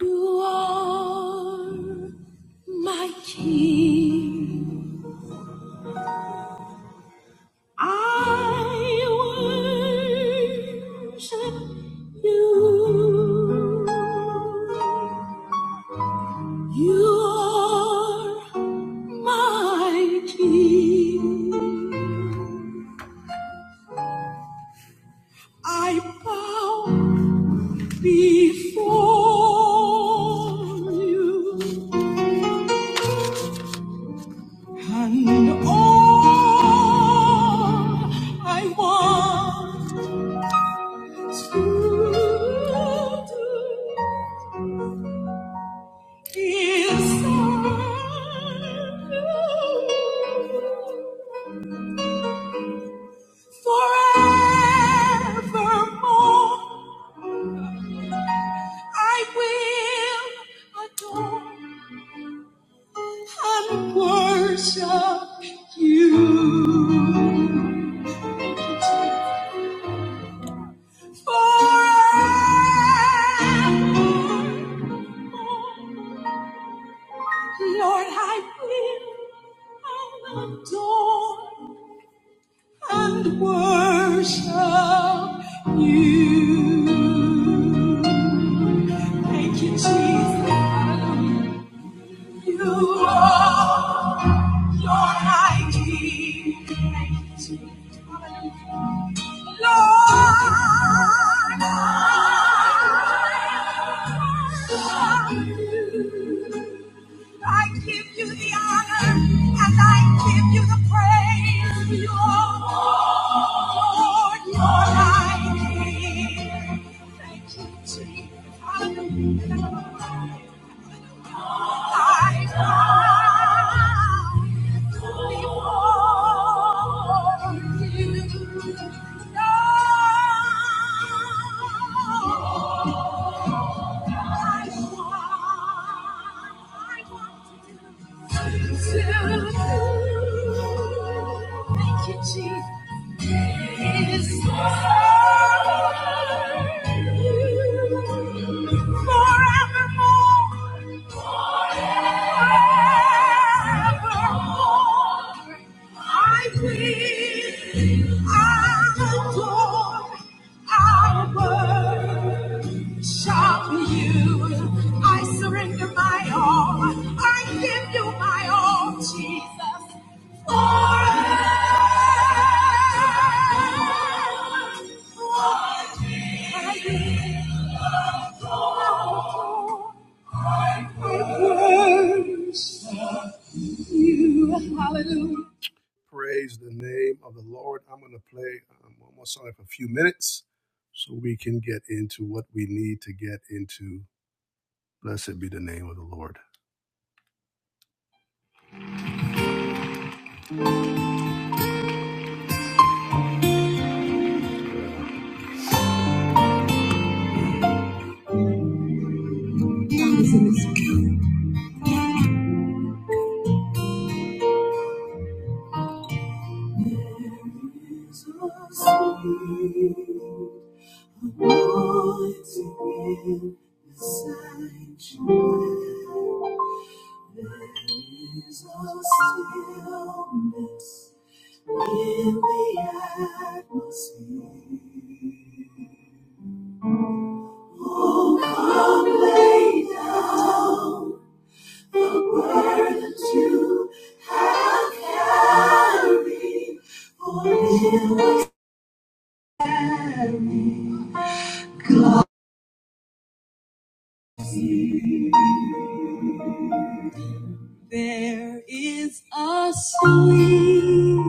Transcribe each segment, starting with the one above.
You are my king. I worship you. You are my king. I bow before you. And all I want Forevermore, I will adore and worship you. Forevermore, Lord, I will adore and worship you. Thank you, Jesus. You are your high king. Thank you, Jesus. Hallelujah. Lord, I worship you. I give you the honor and I give you the praise. Lord, Lord, I give. Thank you, Jesus. Hallelujah. I bow before you. Lord, I want, I want to do I will adore, I will Sharpen you. I surrender my all. I give you my all, Jesus. you, I worship you, hallelujah. Praise the name of the Lord. I'm going to play um, one more song for a few minutes so we can get into what we need to get into Blessed be the name of the Lord. Amen. There is a sweet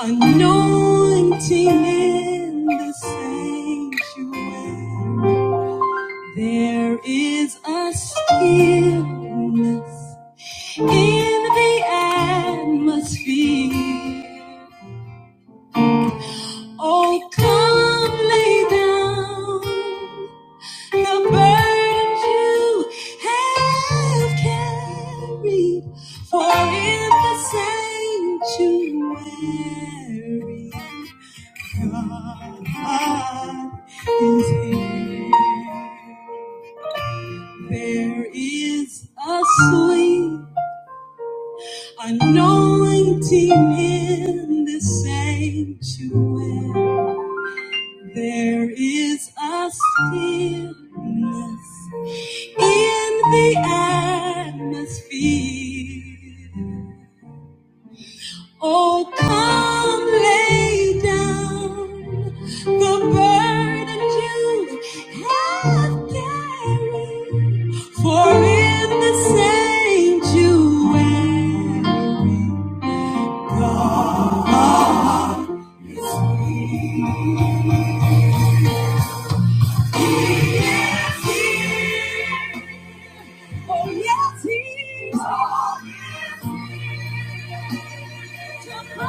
anointing in the sanctuary. There is a stillness in the atmosphere. Oh, come lay down and The burdens you have carried, for in the sanctuary, God is here. There is a sweet anointing in the sanctuary. There is a stillness in the atmosphere. Oh, come lay down the burden you have carried. For in the sanctuary, God He is here. Oh, yes, He is. here. Oh,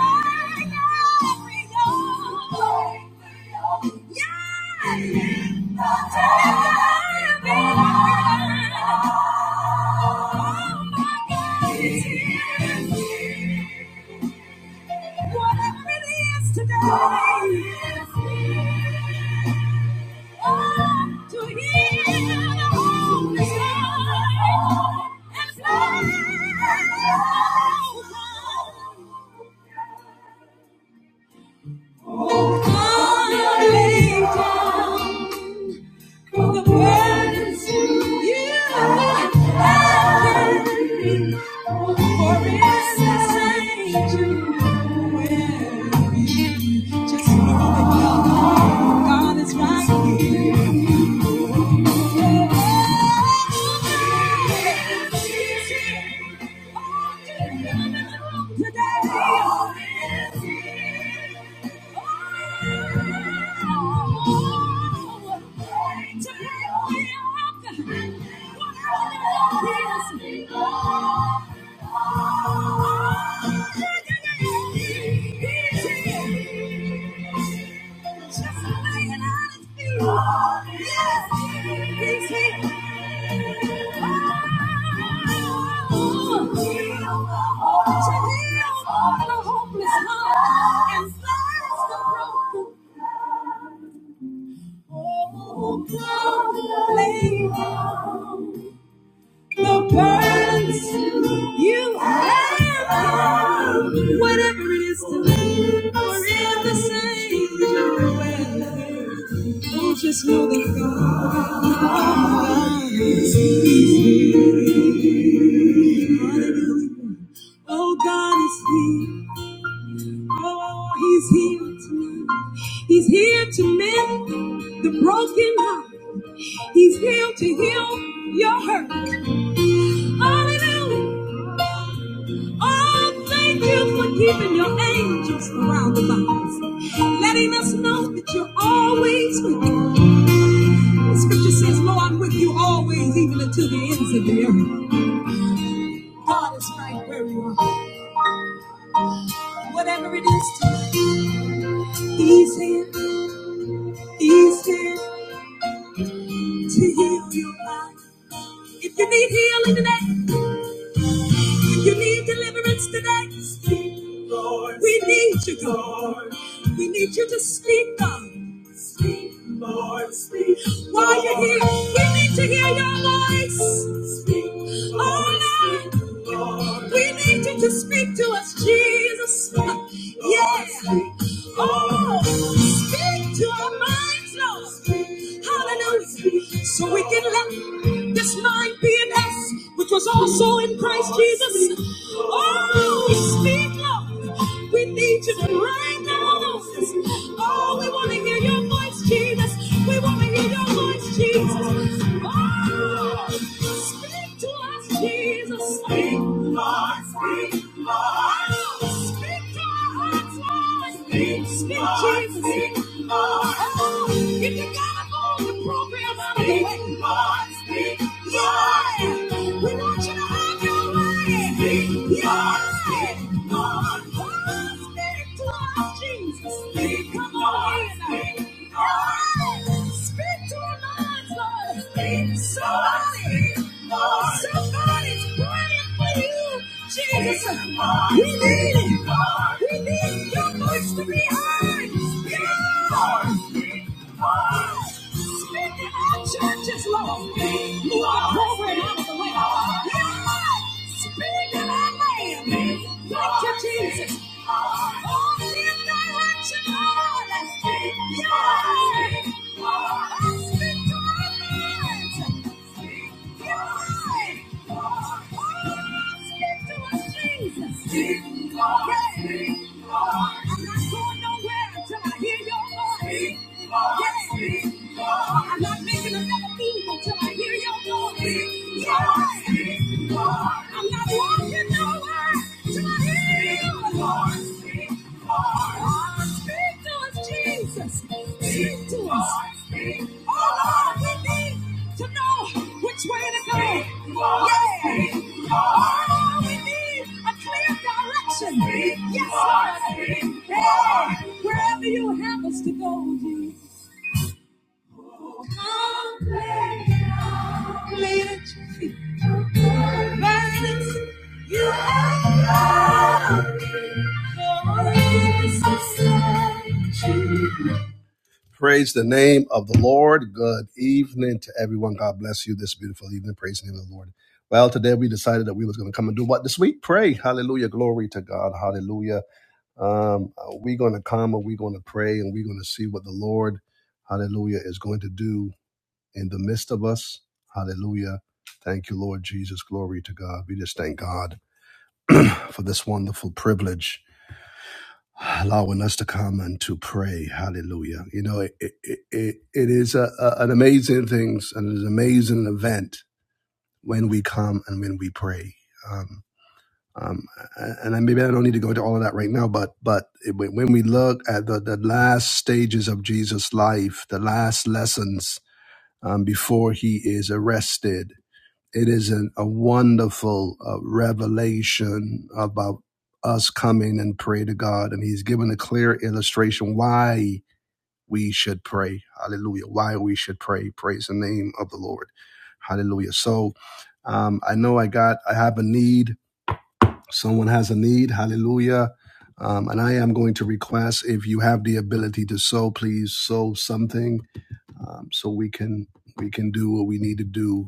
Thank you. For the burdens you have carried, for it's the same to wear. Just know that God is right here. Today we are Oh, come, lay down. the burdens you have, whatever it is to me, or in the same way. Oh, just know that God is here. Oh, God is here. Oh, He's here tonight. He's here to mend the broken heart. He's here to heal your hurt. Hallelujah. Oh, thank you for keeping your angels around about us, letting us know that you're always with us. The scripture says, Lo, I'm with you always, even until the ends of the earth. God is right where you are. Whatever it is to you, He's here, He's here to heal your life. If you need healing today, You need deliverance today. Speak, Lord. We need you, Lord. We need you to speak, God. Speak, Lord. Speak. While you're here, we need to hear your voice. Speak, Lord. Oh, Lord. Speak, Lord. We need you to speak to us, Jesus. Yeah. Oh, speak to our minds, Lord. Hallelujah. So we can let this mind be in us, which was so, so in Christ Jesus. Oh, we speak, Lord. We need you right now. Oh, we want to hear your voice, Jesus. We want to hear your voice, Jesus. Oh, speak to us, Jesus. Speak, Lord. Speak, Lord. Oh, Speak to our hearts, Lord. Speak, Jesus. Speak, Lord. Oh, if you gotta go on the program, I'm speak, Lord. Speak, Lord. We want you to have your way. Speak, Lord. Speak, Lord. Oh, speak to us, Jesus. Speak, come on. Speak, Lord. Speak to our minds, Lord. somebody. Somebody. God is praying for you, Jesus. We need it. We need your voice to be heard. Yeah. Speak in our churches, Lord. Move our program out of the way. Yeah. Speak in our land. Thank you, Jesus. Oh, in direction, Lord. I'm not making another move until I hear your voice. Yes, Lord. I'm not walking nowhere till I hear Lord, speak, to us, Jesus. Speak to us. Oh, Lord, we need to know which way to go. yeah. Speak, Lord. Oh, we need a clear direction. yes, Lord. Yeah. Wherever you have us to go, Jesus. Praise the name of the Lord. Good evening to everyone. God bless you this beautiful evening. Praise the name of the Lord. Well, today we decided that we was going to come and do what this week? Pray. Hallelujah. Glory to God. Hallelujah. Um, we're going to come and we're going to pray and we're going to see what the Lord, hallelujah, is going to do in the midst of us. Hallelujah. Thank you, Lord Jesus. Glory to God. We just thank God for this wonderful privilege, allowing us to come and to pray. Hallelujah. You know, it, it, it, it is a, a, an amazing thing, and an amazing event when we come and when we pray. Um, um, and I- maybe I don't need to go into all of that right now, but but it, when when we look at the, the last stages of Jesus' life, the last lessons um, before he is arrested It is an, a wonderful uh, revelation about us coming and pray to God. And he's given a clear illustration why we should pray. Hallelujah. Why we should pray. Praise the name of the Lord. Hallelujah. So um, I know I got, I have a need. Someone has a need. Hallelujah. Um, and I am going to request if you have the ability to sow, please sow something um, so we can we can do what we need to do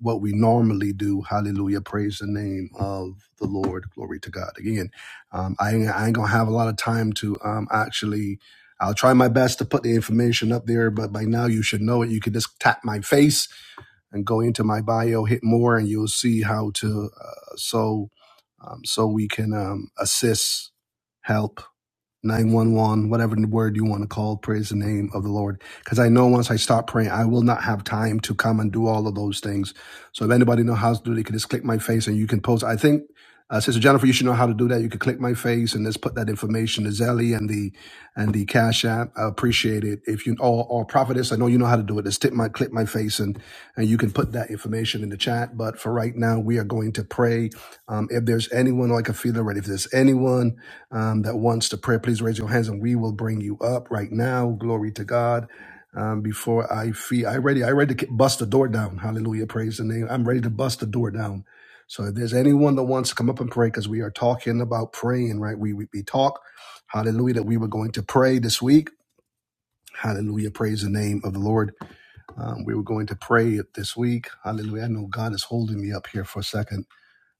what we normally do. Hallelujah. Praise the name of the Lord. Glory to God. Again, um, I, ain't, I ain't going to have a lot of time to um, actually, I'll try my best to put the information up there, but by now you should know it. You can just tap my face and go into my bio, hit more, and you'll see how to, uh, so, um, so we can um, assist, help. 911, whatever word you want to call, praise the name of the Lord. Because I know once I stop praying, I will not have time to come and do all of those things. So if anybody knows how to do it, they can just click my face and you can post. I think uh, Sister Jennifer, you should know how to do that. You can click my face and just put that information, the Zelly and the and the Cash App. I appreciate it. If you or, or Prophetess, I know you know how to do it. Just tip my click my face and and you can put that information in the chat. But for right now, we are going to pray. Um, if there's anyone, like I feel already, if there's anyone um, that wants to pray, please raise your hands and we will bring you up right now. Glory to God. Um, before I feel, I ready, I ready to bust the door down. Hallelujah. Praise the name. I'm ready to bust the door down. So if there's anyone that wants to come up and pray, because we are talking about praying, right? We we, we talk, hallelujah, that we were going to pray this week. Hallelujah. Praise the name of the Lord. Um, we were going to pray it this week. Hallelujah. I know God is holding me up here for a second.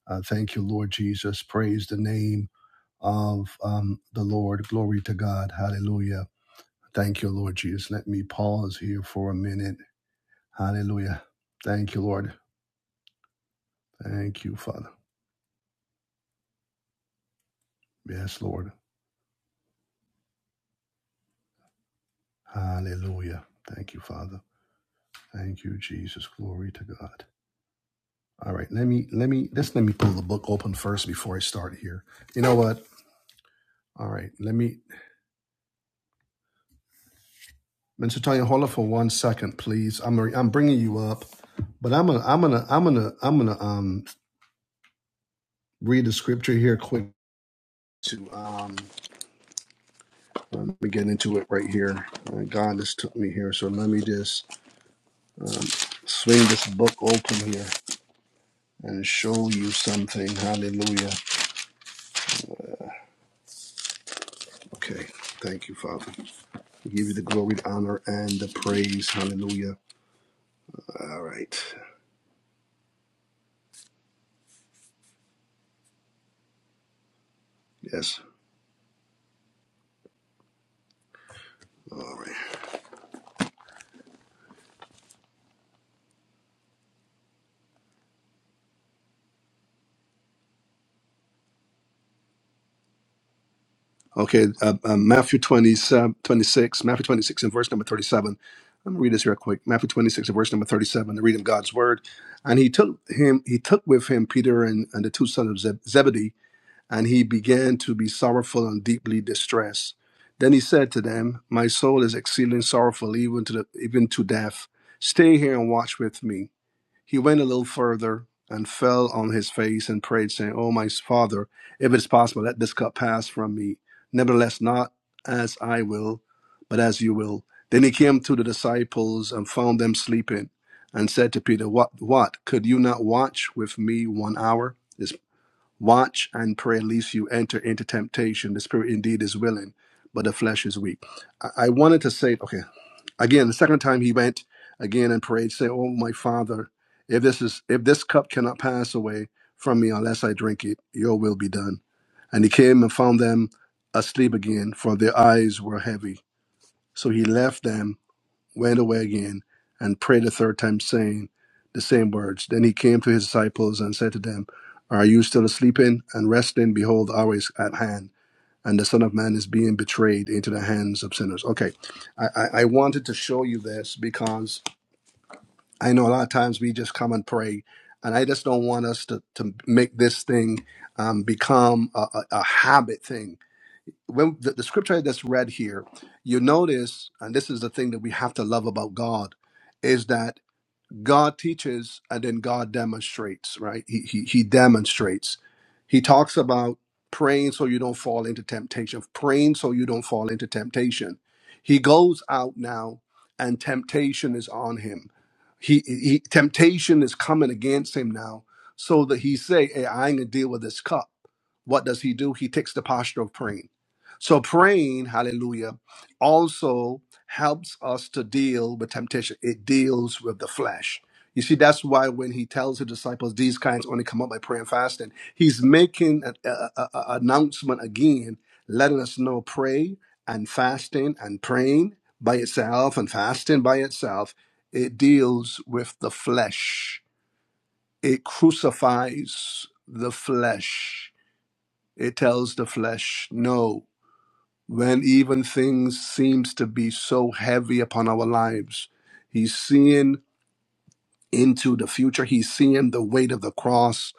Uh, thank you, Lord Jesus. Praise the name of um, the Lord. Glory to God. Hallelujah. Thank you, Lord Jesus. Let me pause here for a minute. Hallelujah. Thank you, Lord. Thank you, Father. Yes, Lord. Hallelujah. Thank you, Father. Thank you, Jesus. Glory to God. All right, let me let me just let me pull the book open first before I start here. You know what? All right, let me Mr. Tanya, hold up for one second, please. I'm I'm bringing you up, but I'm gonna I'm gonna I'm gonna I'm gonna um read the scripture here quick to um let me get into it right here. Uh, God just took me here, so let me just um, swing this book open here and show you something. Hallelujah. Okay, thank you, Father. We give you the glory, the honor, and the praise. Hallelujah. All right. Yes. All right. Okay. Uh, uh, Matthew 20, 26, Matthew 26 and verse number 37. I'm gonna read this real quick. Matthew 26 and verse number 37, the reading of God's word. And he took him, he took with him Peter and, and the two sons of Zeb- Zebedee, and he began to be sorrowful and deeply distressed. Then he said to them, My soul is exceeding sorrowful, even to the, even to death. Stay here and watch with me. He went a little further and fell on his face and prayed, saying, O my father, if it is possible, let this cup pass from me. Nevertheless, not as I will, but as you will. Then he came to the disciples and found them sleeping and said to Peter, What, what? Could you not watch with me one hour? This watch and pray, lest you enter into temptation. The spirit indeed is willing, but the flesh is weak. I, I wanted to say, okay, Again, the second time he went again and prayed, saying, Oh my father, if this is if this cup cannot pass away from me unless I drink it, your will be done. And he came and found them asleep again, for their eyes were heavy. So he left them, went away again, and prayed a third time, saying the same words. Then he came to his disciples and said to them, Are you still sleeping and resting? Behold, the hour is at hand and the Son of Man is being betrayed into the hands of sinners. Okay, I, I, I wanted to show you this because I know a lot of times we just come and pray, and I just don't want us to, to make this thing um, become a, a, a habit thing. When the, the scripture that's read here, you notice, and this is the thing that we have to love about God, is that God teaches and then God demonstrates, right? He, he, he demonstrates. He talks about praying so you don't fall into temptation, praying so you don't fall into temptation. He goes out now and temptation is on him. He, he temptation is coming against him now so that he say, Hey, I ain't gonna deal with this cup. What does he do? He takes the posture of praying. So praying, hallelujah, also helps us to deal with temptation. It deals with the flesh. You see, that's why when he tells the disciples these kinds only come up by prayer and fasting, he's making an a, a- a- announcement again, letting us know pray and fasting and praying by itself and fasting by itself. It deals with the flesh. It crucifies the flesh it tells the flesh, no, when even things seems to be so heavy upon our lives. He's seeing into the future. He's seeing the weight of the cross,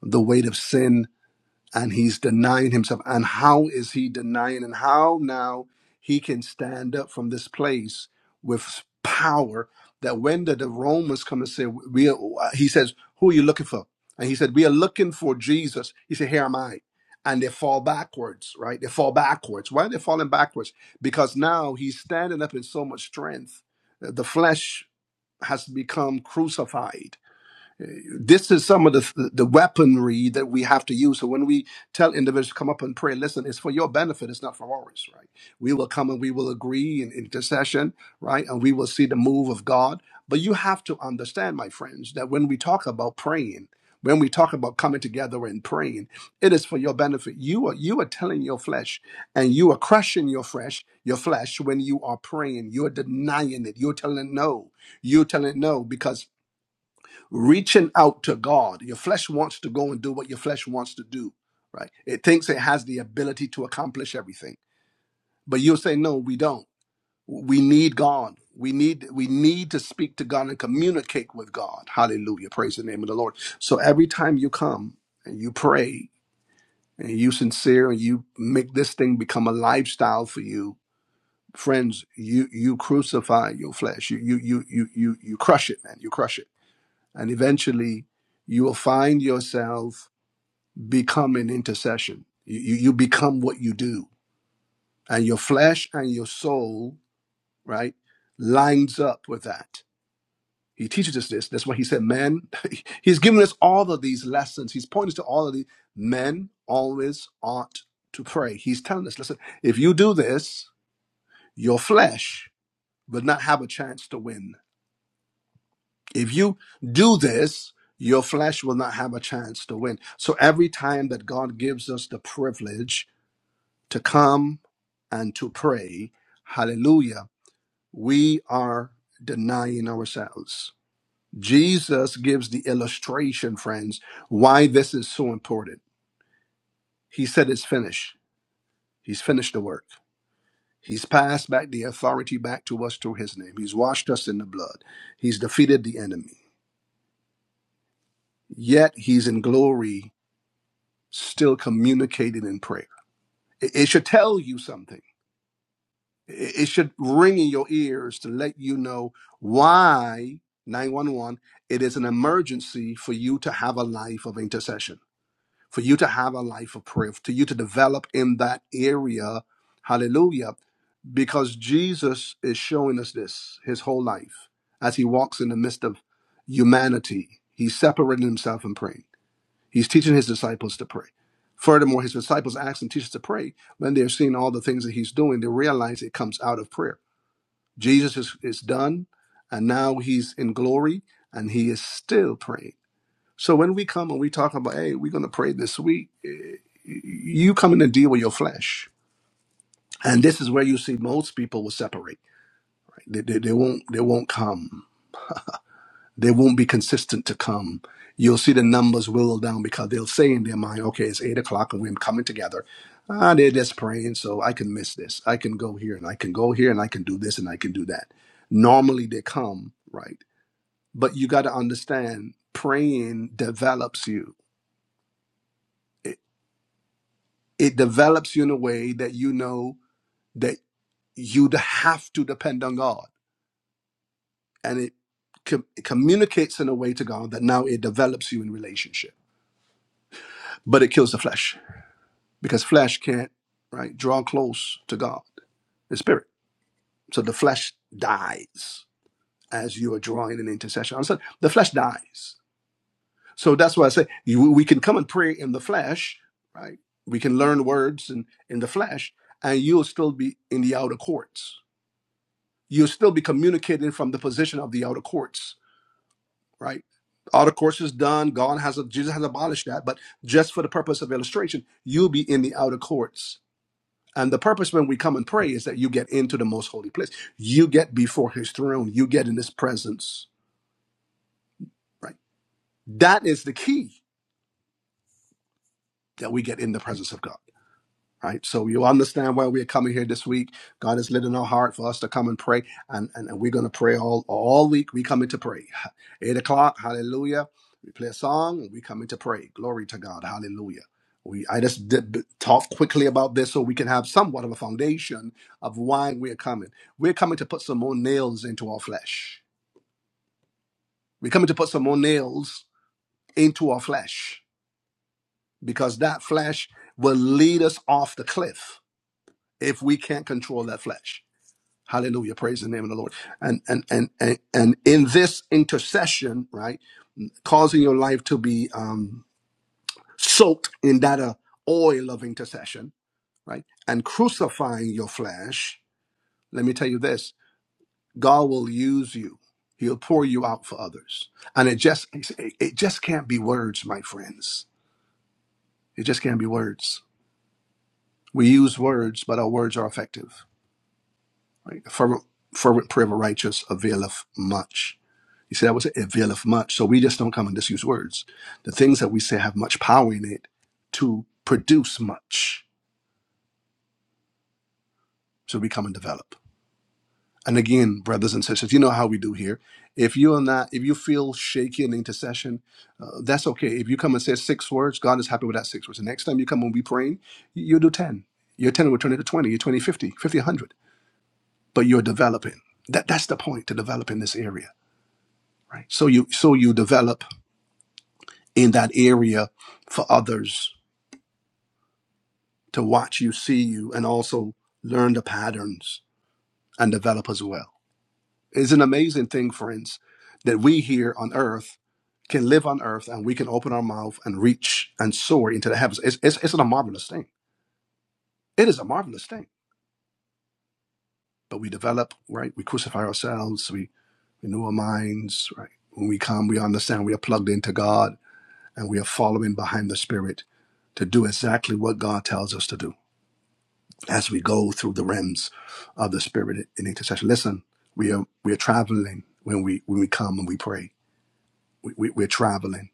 the weight of sin, and he's denying himself. And how is he denying? And how now he can stand up from this place with power that when the, the Romans come and say, we are, he says, who are you looking for? And he said, we are looking for Jesus. He said, here am I. And they fall backwards, right? They fall backwards. Why are they falling backwards? Because now he's standing up in so much strength. The flesh has become crucified this is some of the the weaponry that we have to use. So when we tell individuals to come up and pray, listen, it's for your benefit. It's not for ours, right? We will come and we will agree in intercession, right? And we will see the move of God. But you have to understand, my friends, that when we talk about praying, when we talk about coming together and praying, it is for your benefit. You are you are telling your flesh, and you are crushing your flesh, your flesh when you are praying. You're denying it. You're telling it no. You're telling it no because reaching out to God. Your flesh wants to go and do what your flesh wants to do, right? It thinks it has the ability to accomplish everything. But you'll say, no, we don't. We need God. We need we need to speak to God and communicate with God. Hallelujah. Praise the name of the Lord. So every time you come and you pray and you sincere and you make this thing become a lifestyle for you, friends, you you crucify your flesh. You you you you you you crush it, man. You crush it and eventually, you will find yourself becoming intercession. You, you, become what you do, and your flesh and your soul, right, lines up with that. He teaches us this. That's why he said, "Men." He's given us all of these lessons. He's pointed to all of these. Men always ought to pray. He's telling us, "Listen, if you do this, your flesh will not have a chance to win." If you do this, your flesh will not have a chance to win. So every time that God gives us the privilege to come and to pray, hallelujah, we are denying ourselves. Jesus gives the illustration, friends, why this is so important. He said it's finished. He's finished the work. He's passed back the authority back to us through his name. He's washed us in the blood. He's defeated the enemy. Yet he's in glory still communicating in prayer. It, it should tell you something. It, it should ring in your ears to let you know why 911 it is an emergency for you to have a life of intercession, for you to have a life of prayer, for you to develop in that area. Hallelujah. Because Jesus is showing us this his whole life as he walks in the midst of humanity. He's separating himself and praying. He's teaching his disciples to pray. Furthermore, his disciples ask and teach us to pray. When they're seeing all the things that he's doing, they realize it comes out of prayer. Jesus is, is done, and now he's in glory, and he is still praying. So when we come and we talk about, hey, we're going to pray this week, eh, you come in and deal with your flesh. And this is where you see most people will separate. They, they, they won't they won't come. They won't be consistent to come. You'll see the numbers whittle down because they'll say in their mind, okay, it's eight o'clock and we're coming together. Ah, they're just praying, so I can miss this. I can go here and I can go here and I can do this and I can do that. Normally they come, right? But you got to understand praying develops you. It, it develops you in a way that you know that you have to depend on God. And it com- it communicates in a way to God that now it develops you in relationship, but it kills the flesh. because flesh can't right draw close to God, the spirit. So the flesh dies as you are drawing an intercession. Understand? The flesh dies. So that's why I say you, we can come and pray in the flesh, right? We can learn words in, in the flesh, and you'll still be in the outer courts. You'll still be communicating from the position of the outer courts, right? Outer courts is done. God has Jesus has abolished that, but just for the purpose of illustration, you'll be in the outer courts And the purpose when we come and pray is that you get into the most holy place. You get before his throne. You get in his presence, right? That is the key that we get in the presence of God. right? So you understand why we're coming here this week. God has lit in our heart for us to come and pray, and, and, and we're going to pray all, all week. We come in to pray. Eight o'clock, hallelujah. We play a song, and we come in to pray. Glory to God, hallelujah. We, I just did, talk quickly about this so we can have somewhat of a foundation of why we're coming. We're coming to put some more nails into our flesh. We're coming to put some more nails into our flesh because that flesh will lead us off the cliff if we can't control that flesh. Hallelujah. Praise the name of the Lord. And and and and, and in this intercession, right, causing your life to be um, soaked in that uh, oil of intercession, right, and crucifying your flesh. Let me tell you this: God will use you. He'll pour you out for others, and it just it just can't be words, my friends. It just can't be words. We use words, but our words are effective. Right? Fervent, fervent prayer of a righteous availeth much He said, I would say it availeth much. So we just don't come and just use words. The things that we say have much power in it to produce much. So we come and develop. And again, brothers and sisters, you know how we do here. If you are not, if you feel shaky in intercession, uh, that's okay. If you come and say six words, God is happy with that six words. The next time you come and be praying, you'll do 10. Your 10 will turn into 20, your 20, fifty, fifty, one hundred. But you're developing. That, that's the point to develop in this area, right? So you, so you develop in that area for others to watch you, see you, and also learn the patterns and develop as well. It's an amazing thing, friends, that we here on earth can live on earth and we can open our mouth and reach and soar into the heavens. It's, it's, it's a marvelous thing. It is a marvelous thing. But we develop, right? We crucify ourselves, we renew our minds, right? When we come, we understand we are plugged into God and we are following behind the Spirit to do exactly what God tells us to do. as we go through the realms of the spirit in intercession. Listen, we are we are traveling when we when we come and we pray. We, we, we're traveling.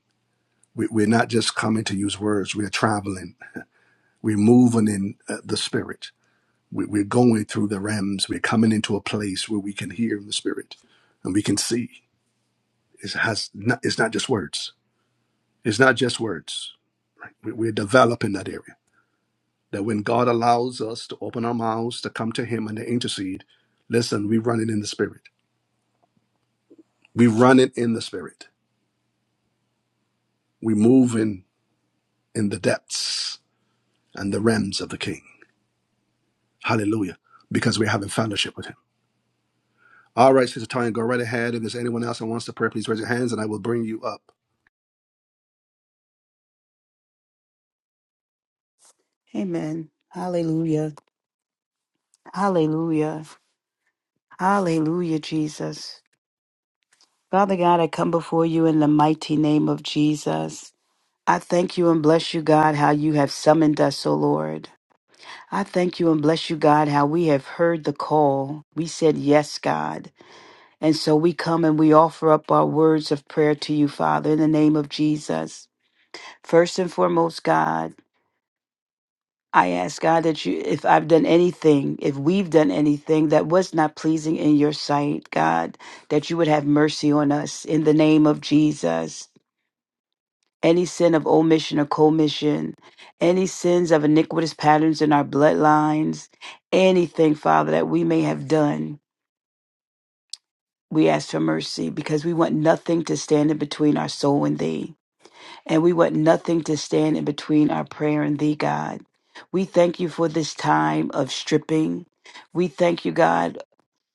We, we're not just coming to use words. We're traveling. We're moving in uh, the spirit. We, we're going through the realms. We're coming into a place where we can hear in the spirit, and we can see. It has not, it's not just words. It's not just words. Right? We, we're developing that area. That when God allows us to open our mouths to come to Him and to intercede, listen, we're running in the spirit We run it in the spirit. We move in, in the depths and the realms of the King. Hallelujah. Because we're having fellowship with him. All right, Sister Tanya, go right ahead. If there's anyone else that wants to pray, please raise your hands and I will bring you up. Amen. Hallelujah. Hallelujah. Hallelujah, Jesus. Father God, I come before you in the mighty name of Jesus. I thank you and bless you, God, how you have summoned us, O Lord. I thank you and bless you, God, how we have heard the call. We said, Yes, God. And so we come and we offer up our words of prayer to you, Father, in the name of Jesus. First and foremost, God. I ask God that you, if I've done anything, if we've done anything that was not pleasing in your sight, God, that you would have mercy on us in the name of Jesus. Any sin of omission or commission, any sins of iniquitous patterns in our bloodlines, anything, Father, that we may have done, we ask for mercy because we want nothing to stand in between our soul and thee. and we want nothing to stand in between our prayer and thee, God. We thank you for this time of stripping. We thank you, God,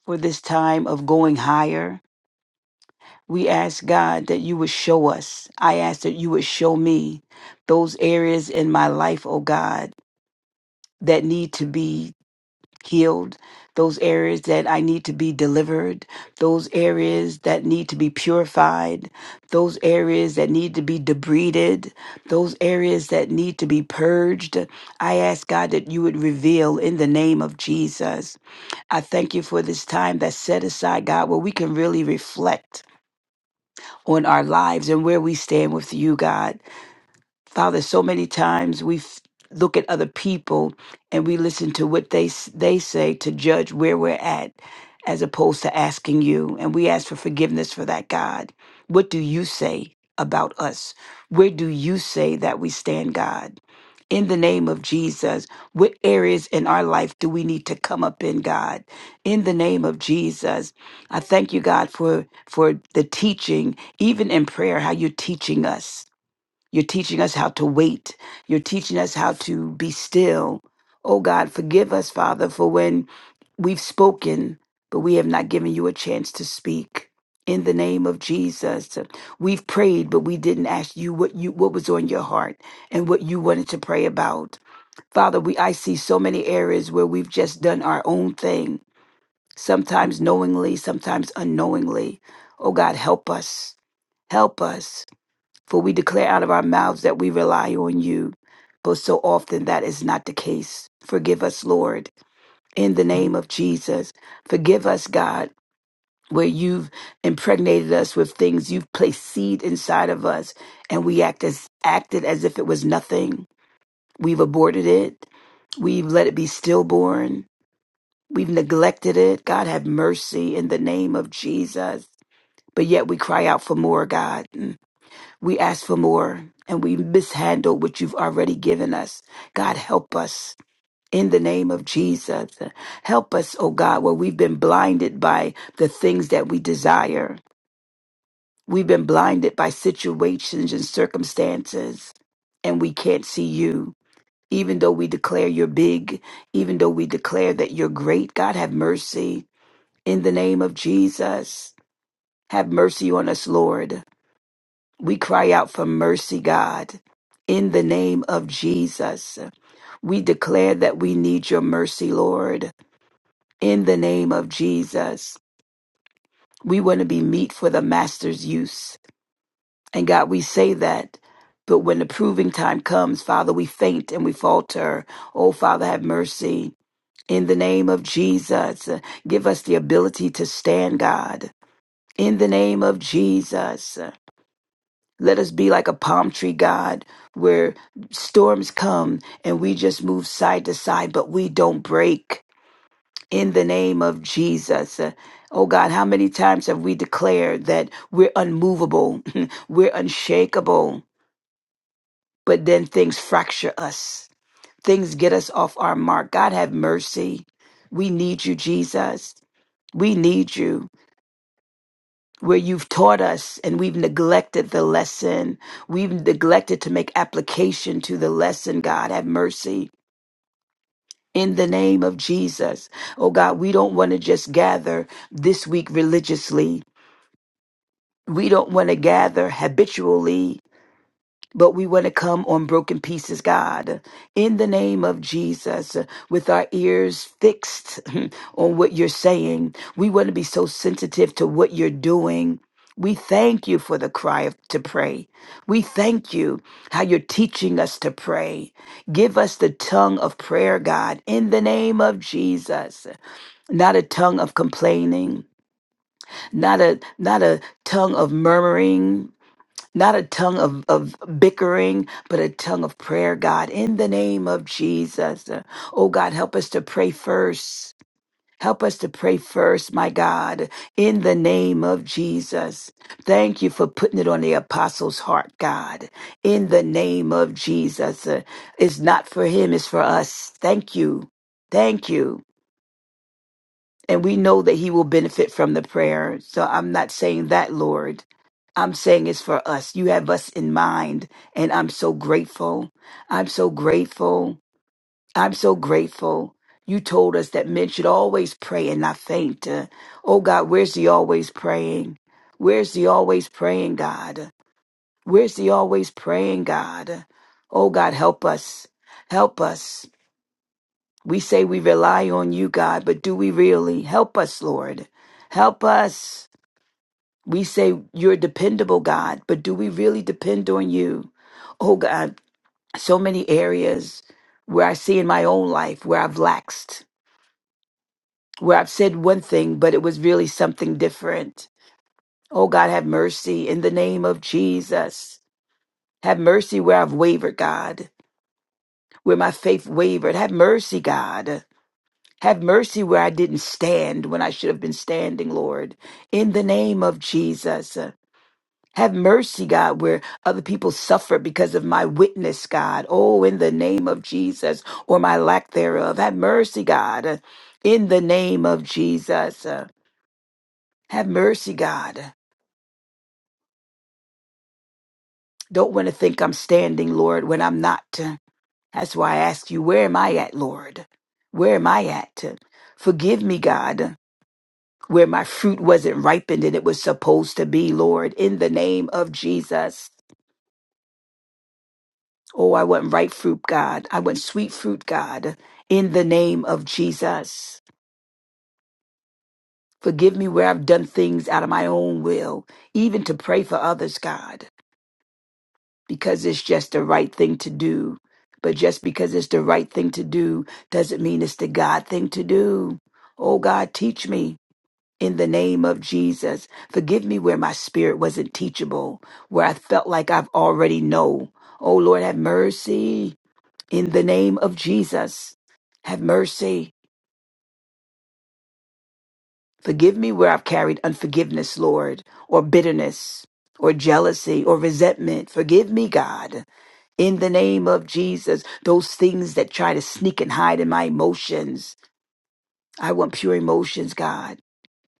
for this time of going higher. We ask, God, that you would show us. I ask that you would show me those areas in my life, oh God, that need to be healed, those areas that I need to be delivered, those areas that need to be purified, those areas that need to be debrided, those areas that need to be purged. I ask God that you would reveal in the name of Jesus. I thank you for this time that's set aside, God, where we can really reflect on our lives and where we stand with you, God. Father, so many times we f- look at other people and we listen to what they s- they say to judge where we're at, as opposed to asking you. And we ask for forgiveness for that, God. What do you say about us? Where do you say that we stand, God? In the name of Jesus, what areas in our life do we need to come up in, God? In the name of Jesus, I thank you, God, for for the teaching, even in prayer, how you're teaching us you're teaching us how to wait. You're teaching us how to be still. Oh God, forgive us, Father, for when we've spoken, but we have not given you a chance to speak. In the name of Jesus, we've prayed, but we didn't ask you what you what was on your heart and what you wanted to pray about. Father, we I see so many areas where we've just done our own thing, sometimes knowingly, sometimes unknowingly. Oh God, help us. Help us. For we declare out of our mouths that we rely on you, but so often that is not the case. Forgive us, Lord, in the name of Jesus. Forgive us, God, where you've impregnated us with things you've placed seed inside of us, and we act as, acted as if it was nothing. We've aborted it. We've let it be stillborn. We've neglected it. God, have mercy in the name of Jesus. But yet we cry out for more, God. Mm. We ask for more and we mishandle what you've already given us. God, help us. In the name of Jesus, help us, oh God, where we've been blinded by the things that we desire. We've been blinded by situations and circumstances, and we can't see you. Even though we declare you're big, even though we declare that you're great, God, have mercy. In the name of Jesus, have mercy on us, Lord. We cry out for mercy, God, in the name of Jesus. We declare that we need your mercy, Lord, in the name of Jesus. We want to be meat for the master's use. And God, we say that. But when the proving time comes, Father, we faint and we falter. Oh, Father, have mercy. In the name of Jesus, give us the ability to stand, God. In the name of Jesus. Let us be like a palm tree, God, where storms come and we just move side to side, but we don't break in the name of Jesus. Uh, Oh God, how many times have we declared that we're unmovable, we're unshakable, but then things fracture us, things get us off our mark. God, have mercy. We need you, Jesus. We need you. where you've taught us and we've neglected the lesson. We've neglected to make application to the lesson, God. Have mercy. In the name of Jesus. Oh God, we don't want to just gather this week religiously. We don't want to gather habitually but we want to come on broken pieces, God. In the name of Jesus, with our ears fixed on what you're saying, we want to be so sensitive to what you're doing. We thank you for the cry of, to pray. We thank you how you're teaching us to pray. Give us the tongue of prayer, God, in the name of Jesus. Not a tongue of complaining, not a not a tongue of murmuring, not a tongue of, of bickering, but a tongue of prayer, God, in the name of Jesus. Oh, God, help us to pray first. Help us to pray first, my God, in the name of Jesus. Thank you for putting it on the apostle's heart, God, in the name of Jesus. Uh, It's not for him, it's for us. Thank you. Thank you. And we know that he will benefit from the prayer. So I'm not saying that, Lord. I'm saying it's for us. You have us in mind. And I'm so grateful. I'm so grateful. I'm so grateful. You told us that men should always pray and not faint. Uh, oh God, where's the always praying? Where's the always praying, God? Where's the always praying, God? Oh God, help us. Help us. We say we rely on you, God, but do we really? Help us, Lord. Help us. We say you're dependable, God, but do we really depend on you? Oh, God, so many areas where I see in my own life where I've laxed, where I've said one thing, but it was really something different. Oh, God, have mercy in the name of Jesus. Have mercy where I've wavered, God, where my faith wavered. Have mercy, God. Have mercy where I didn't stand when I should have been standing, Lord. In the name of Jesus. uh, Have mercy, God, where other people suffer because of my witness, God. Oh, in the name of Jesus, or my lack thereof. Have mercy, God. uh, In the name of Jesus. uh, Have mercy, God. Don't want to think I'm standing, Lord, when I'm not. uh, That's why I ask you, where am I at, Lord? Where am I at? Uh, Forgive me, God. where my fruit wasn't ripened and it was supposed to be, Lord, in the name of Jesus. Oh, I want ripe fruit, God. I want sweet fruit, God, in the name of Jesus. Forgive me where I've done things out of my own will, even to pray for others, God, because it's just the right thing to do. But just because it's the right thing to do doesn't mean it's the God thing to do. Oh, God, teach me. in the name of Jesus. Forgive me where my spirit wasn't teachable, where I felt like I've already know. Oh Lord, have mercy in the name of Jesus. Have mercy. Forgive me where I've carried unforgiveness, Lord, or bitterness, or jealousy, or resentment. Forgive me, God. In the name of Jesus, those things that try to sneak and hide in my emotions. I want pure emotions, God.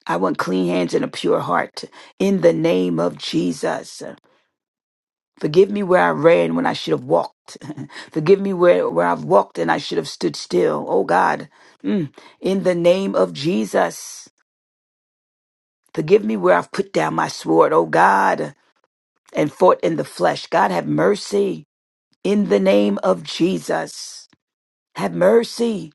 I want clean hands and a pure heart in the name of Jesus. Forgive me where I ran when I should have walked. Forgive me where, where I've walked and I should have stood still. Oh God, Mm. in the name of Jesus. Forgive me where I've put down my sword, oh God, and fought in the flesh. God, have mercy in the name of Jesus. Have mercy.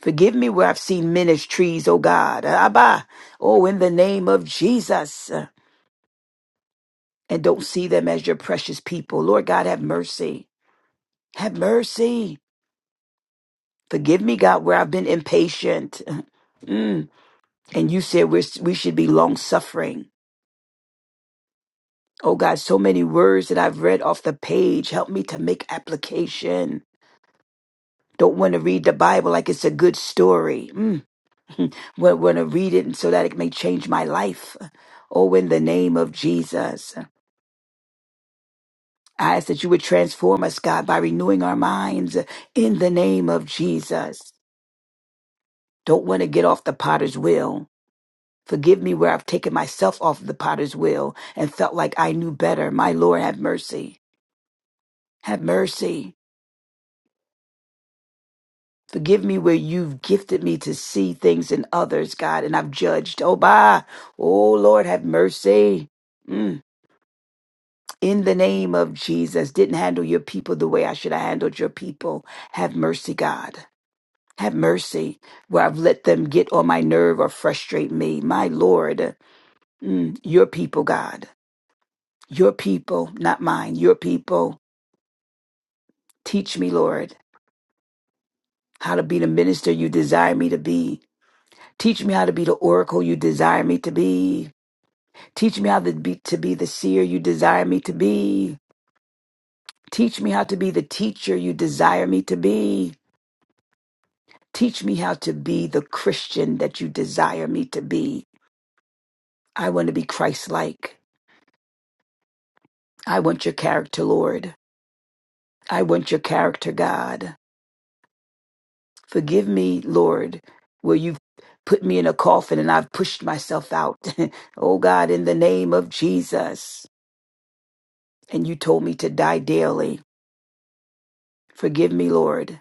Forgive me where I've seen ministries, oh God. Abba. Oh, in the name of Jesus. and don't see them as your precious people. Lord God, have mercy. Have mercy. Forgive me, God, where I've been impatient. Mm. And you said we're, we should be long suffering. Oh, God, so many words that I've read off the page. Help me to make application. Don't want to read the Bible like it's a good story. Mm. Want to read it so that it may change my life. Oh, in the name of Jesus, I ask that you would transform us, God, by renewing our minds in the name of Jesus. Don't want to get off the potter's wheel. Forgive me where I've taken myself off the potter's wheel and felt like I knew better. My Lord, have mercy. Have mercy. Forgive me where you've gifted me to see things in others, God, and I've judged. Oh, bye. Oh, Lord, have mercy. Mm. In the name of Jesus, didn't handle your people the way I should have handled your people. Have mercy, God. Have mercy where I've let them get on my nerve or frustrate me. My Lord, mm, your people, God. Your people, not mine, your people. Teach me, Lord, how to be the minister you desire me to be. Teach me how to be the oracle you desire me to be. Teach me how to be, to be the seer you desire me to be. Teach me how to be the teacher you desire me to be. Teach me how to be the Christian that you desire me to be. I want to be Christ like. I want your character, Lord. I want your character, God. Forgive me, Lord, where you've put me in a coffin and I've pushed myself out. oh God, in the name of Jesus. And you told me to die daily. Forgive me, Lord.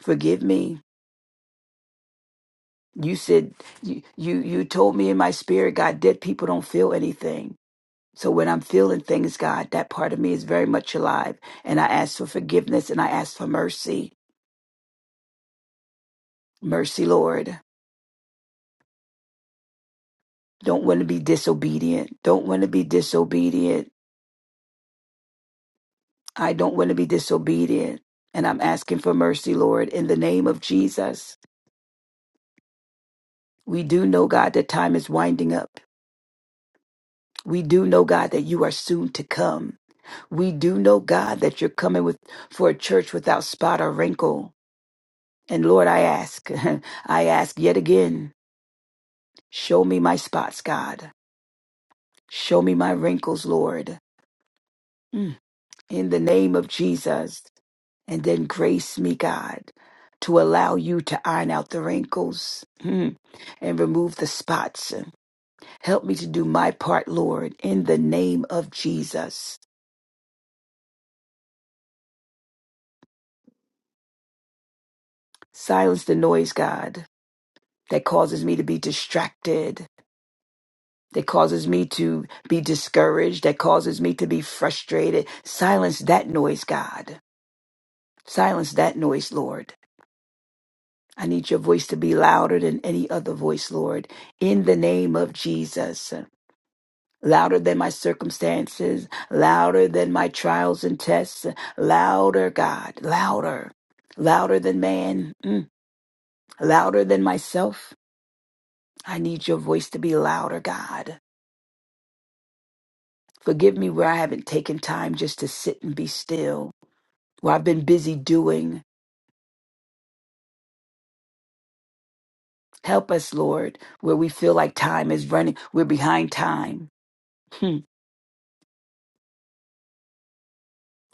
Forgive me. You said you you you told me in my spirit, God, dead people don't feel anything. So when I'm feeling things, God, that part of me is very much alive. And I ask for forgiveness and I ask for mercy. Mercy, Lord. Don't want to be disobedient. Don't want to be disobedient I don't want to be disobedient. And I'm asking for mercy, Lord, in the name of Jesus. We do know, God, that time is winding up. We do know, God, that you are soon to come. We do know, God, that you're coming with for a church without spot or wrinkle. And Lord, I ask, I ask yet again, show me my spots, God. Show me my wrinkles, Lord. Mm. in the name of Jesus. And then grace me, God, to allow you to iron out the wrinkles hmm, and remove the spots. Help me to do my part, Lord, in the name of Jesus. Silence the noise, God, that causes me to be distracted, that causes me to be discouraged, that causes me to be frustrated. Silence that noise, God. Silence that noise, Lord I need your voice to be louder than any other voice, Lord, in the name of Jesus. Louder than my circumstances, louder than my trials and tests, louder, God, louder, louder than man, mm, louder than myself. I need your voice to be louder, God. Forgive me where I haven't taken time just to sit and be still, where I've been busy doing. Help us, Lord, where we feel like time is running, we're behind time. Hmm.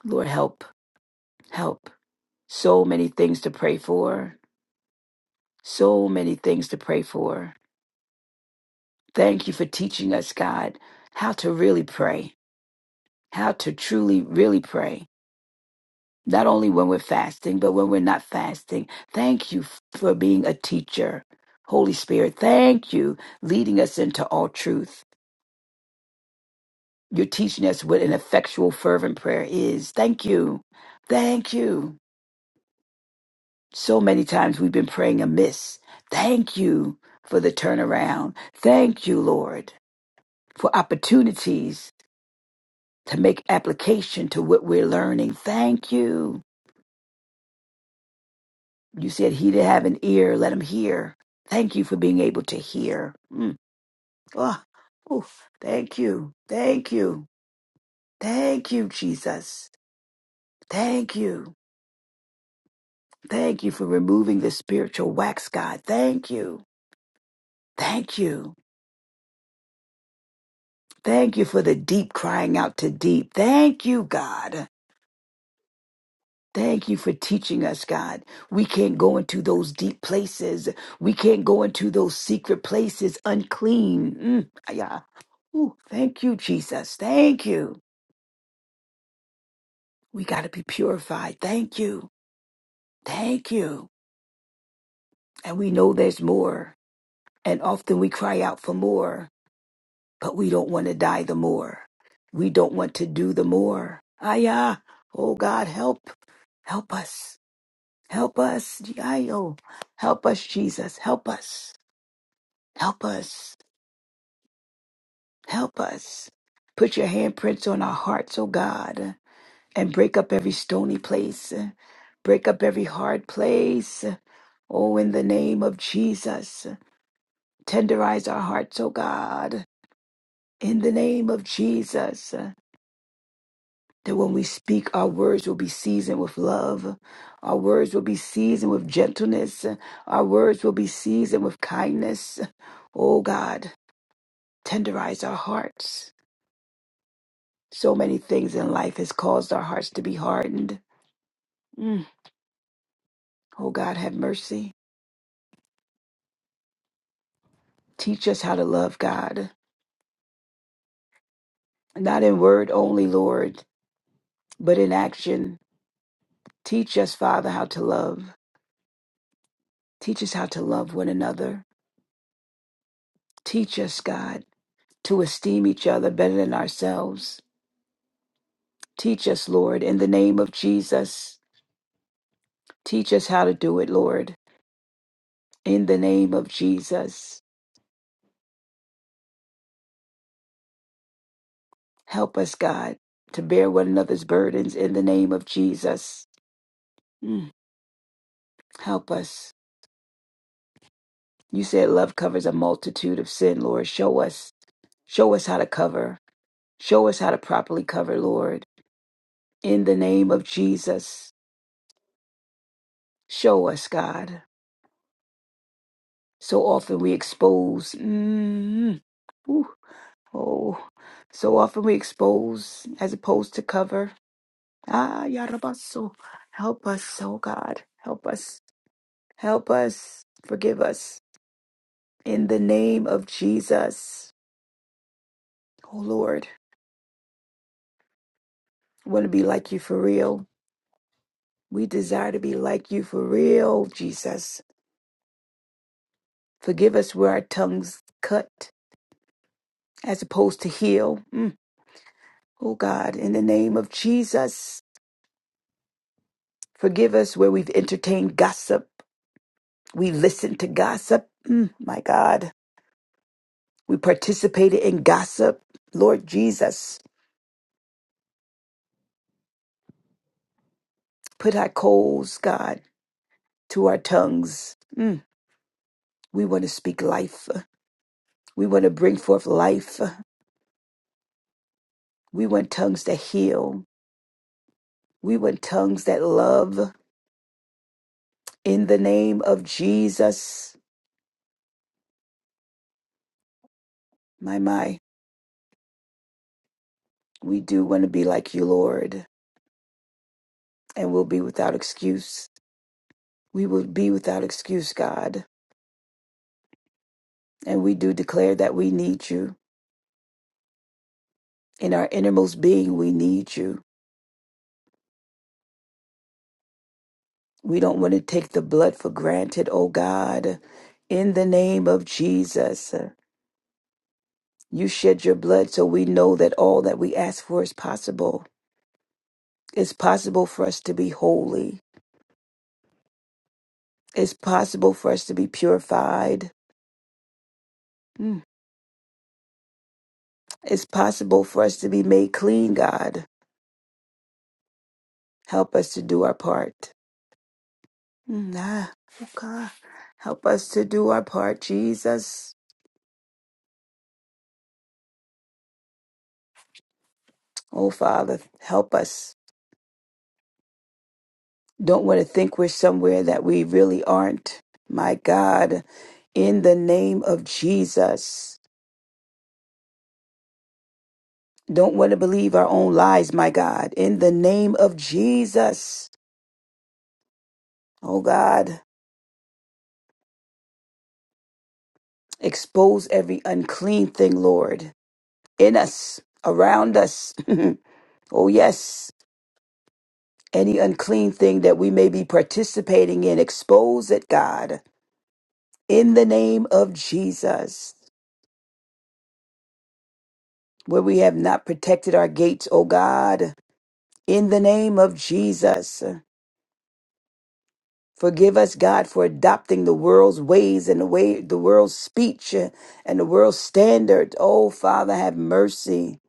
Lord, help, help. So many things to pray for. So many things to pray for. Thank you for teaching us, God, how to really pray, how to truly, really pray. Not only when we're fasting, but when we're not fasting. Thank you for being a teacher. Holy Spirit, thank you leading us into all truth. You're teaching us what an effectual, fervent prayer is. Thank you. Thank you. So many times we've been praying amiss. Thank you for the turnaround. Thank you, Lord, for opportunities to make application to what we're learning. Thank you. You said, He that have an ear, let him hear. Thank you for being able to hear. Mm. Oh, oof. Thank you. Thank you. Thank you, Jesus. Thank you. Thank you for removing the spiritual wax, God. Thank you. Thank you. Thank you for the deep crying out to deep. Thank you, God. Thank you for teaching us, God. We can't go into those deep places. We can't go into those secret places unclean. Mm, ah, yeah. Ooh, thank you, Jesus. Thank you. We got to be purified. Thank you. Thank you. And we know there's more. And often we cry out for more, but we don't want to die the more. We don't want to do the more. Ah, yeah. Oh, God, help. Help us. Help us, Yayo. Help us, Jesus. Help us. Help us. Help us. Put your handprints on our hearts, oh God, and break up every stony place. Break up every hard place. Oh, in the name of Jesus. Tenderize our hearts, oh God. In the name of Jesus. That when we speak, our words will be seasoned with love. Our words will be seasoned with gentleness. Our words will be seasoned with kindness. Oh God. tenderize our hearts. So many things in life has caused our hearts to be hardened. Mm. Oh God, have mercy. Teach us how to love God, not in word only, Lord, but in action. Teach us, Father, how to love. Teach us how to love one another. Teach us, God, to esteem each other better than ourselves. Teach us, Lord, in the name of Jesus. Teach us how to do it, Lord, in the name of Jesus. Help us, God, to bear one another's burdens in the name of Jesus. Mm, help us. You said love covers a multitude of sin, Lord. Show us. Show us how to cover. Show us how to properly cover, Lord. In the name of Jesus, show us, God. So often we expose. Mm, ooh, oh, so often we expose as opposed to cover. Ah, Yarabaso. Help us, oh God. Help us. Help us. Forgive us. In the name of Jesus, oh Lord, want to be like you for real. We desire to be like you for real, Jesus. Forgive us where our tongues cut as opposed to heal. Mm. Oh God, in the name of Jesus, forgive us where we've entertained gossip. We listened to gossip. Mm, my God, we participated in gossip. Lord Jesus, put our coals, God, to our tongues. Mm. We want to speak life. We want to bring forth life. We want tongues that heal. We want tongues that love. In the name of Jesus, my, my, we do want to be like you, Lord, and we'll be without excuse. We will be without excuse, God. And we do declare that we need you. In our innermost being, we need you. We don't want to take the blood for granted, oh God. In the name of Jesus, you shed your blood so we know that all that we ask for is possible. It's possible for us to be holy. It's possible for us to be purified. Mm. It's possible for us to be made clean, God. Help us to do our part. Mm, ah, oh God. Help us to do our part, Jesus. Oh, Father, help us. Don't want to think we're somewhere that we really aren't. My God, in the name of Jesus. Don't want to believe our own lies, my God. In the name of Jesus. Oh, God. Expose every unclean thing, Lord, in us, around us. oh, yes. Any unclean thing that we may be participating in, expose it, God, in the name of Jesus. Where we have not protected our gates, oh God, in the name of Jesus. Forgive us, God, for adopting the world's ways and the way the world's speech and the world's standard. Oh, Father, have mercy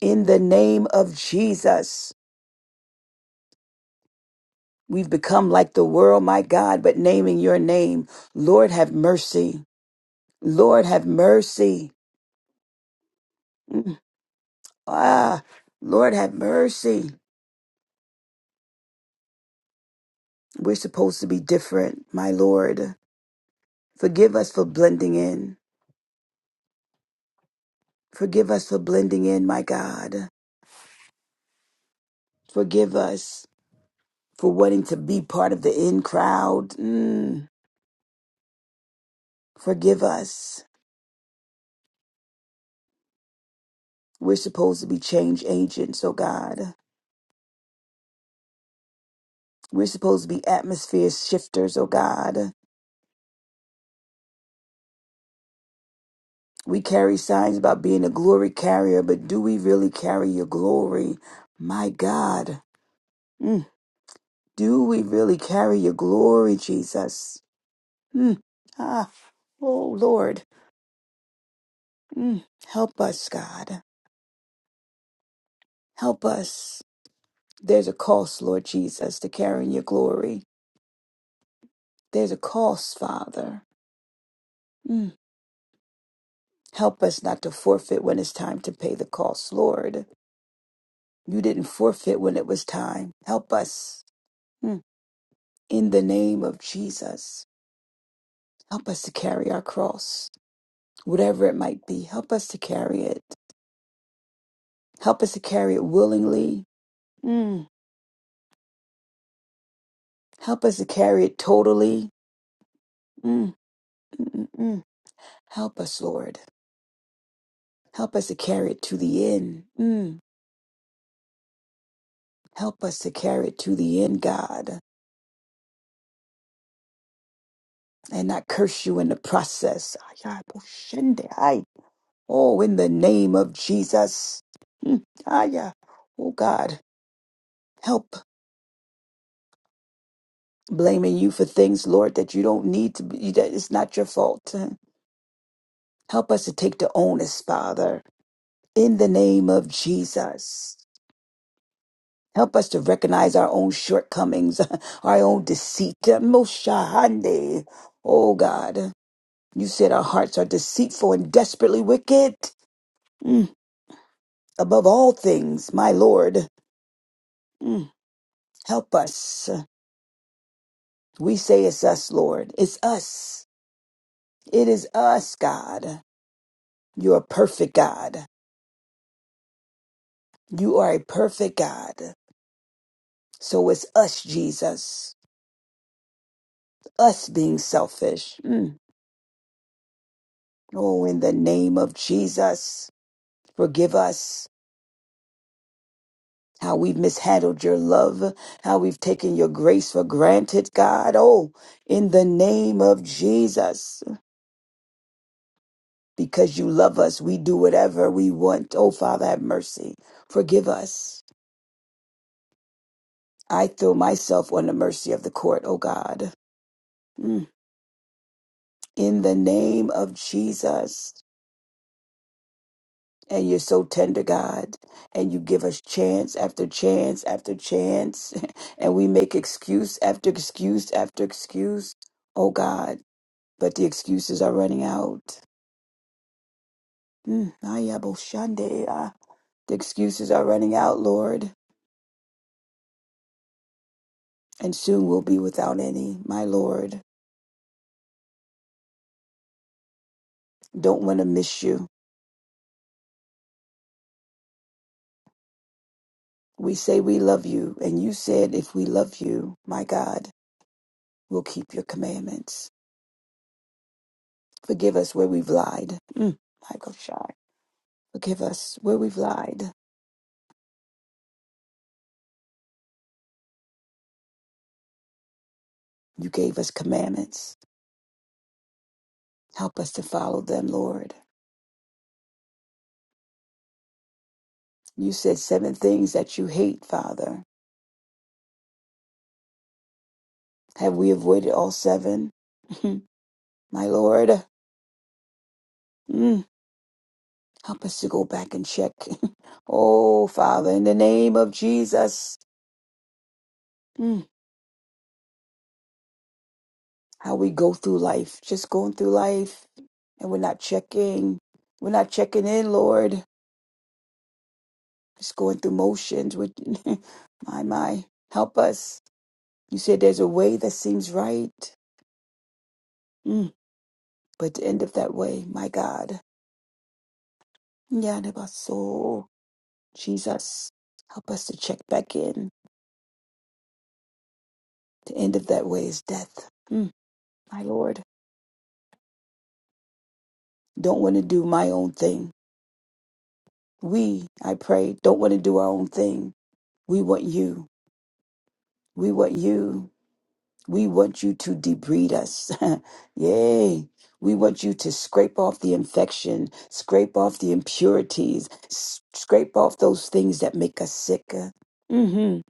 in the name of Jesus. We've become like the world, my God, but naming your name. Lord, have mercy. Lord, have mercy. Mm. Ah, Lord, have mercy. We're supposed to be different, my Lord. Forgive us for blending in. Forgive us for blending in, my God. Forgive us for wanting to be part of the in crowd. Mm. Forgive us. We're supposed to be change agents, oh God. We're supposed to be atmosphere shifters, oh God. We carry signs about being a glory carrier, but do we really carry your glory? My God. Mm. Do we really carry your glory, Jesus? Mm. Ah, oh, Lord. Mm. Help us, God. Help us. There's a cost, Lord Jesus, to carrying your glory. There's a cost, Father. Mm. Help us not to forfeit when it's time to pay the cost, Lord. You didn't forfeit when it was time. Help us. Mm. In the name of Jesus. Help us to carry our cross, whatever it might be. Help us to carry it. Help us to carry it willingly. Mm. Help us to carry it totally. Mm. mm, mm, mm. Help us, Lord. Help us to carry it to the end. Mm. Help us to carry it to the end, God, and not curse you in the process. Ay, ay, bo- shende, ay. Oh, in the name of Jesus. Mm. Ay, ay. Oh, God. Help. blaming you for things, Lord, that you don't need to be, that it's not your fault. Help us to take the onus, Father, in the name of Jesus. Help us to recognize our own shortcomings, our own deceit. Moshahande. Oh God, you said our hearts are deceitful and desperately wicked. Mm, Above all things, my Lord, mm, help us. We say it's us, Lord. It's us. It is us, God. You're a perfect God. You are a perfect God. So it's us, Jesus, us being selfish. Mm. Oh, in the name of Jesus, forgive us how we've mishandled your love, how we've taken your grace for granted, God. Oh, in the name of Jesus, because you love us, we do whatever we want. Oh, Father, have mercy. Forgive us. I throw myself on the mercy of the court, oh God. Mm. In the name of Jesus. And you're so tender, God, and you give us chance after chance after chance, and we make excuse after excuse after excuse, oh God, but the excuses are running out. Mm, aya bo shande, ah. The excuses are running out, Lord, and soon we'll be without any, my Lord. Don't want to miss you. We say we love you, and you said if we love you, my God, we'll keep your commandments. Forgive us where we've lied. Mm, my gosh. Forgive us where we've lied. You gave us commandments. Help us to follow them, Lord. You said seven things that you hate, Father. Have we avoided all seven? My Lord, mm, help us to go back and check. oh, Father, in the name of Jesus, mm, how we go through life, just going through life, and we're not checking. We're not checking in, Lord. Just going through motions. we my, my, help us. You said there's a way that seems right, mm, but the end of that way, my God. Yanabaso. Jesus, help us to check back in. The end of that way is death. Mm, my Lord, don't want to do my own thing. We, I pray, don't want to do our own thing. We want you. We want you. We want you to debride us. Yay. We want you to scrape off the infection, scrape off the impurities, s- scrape off those things that make us sick. Mm-hmm.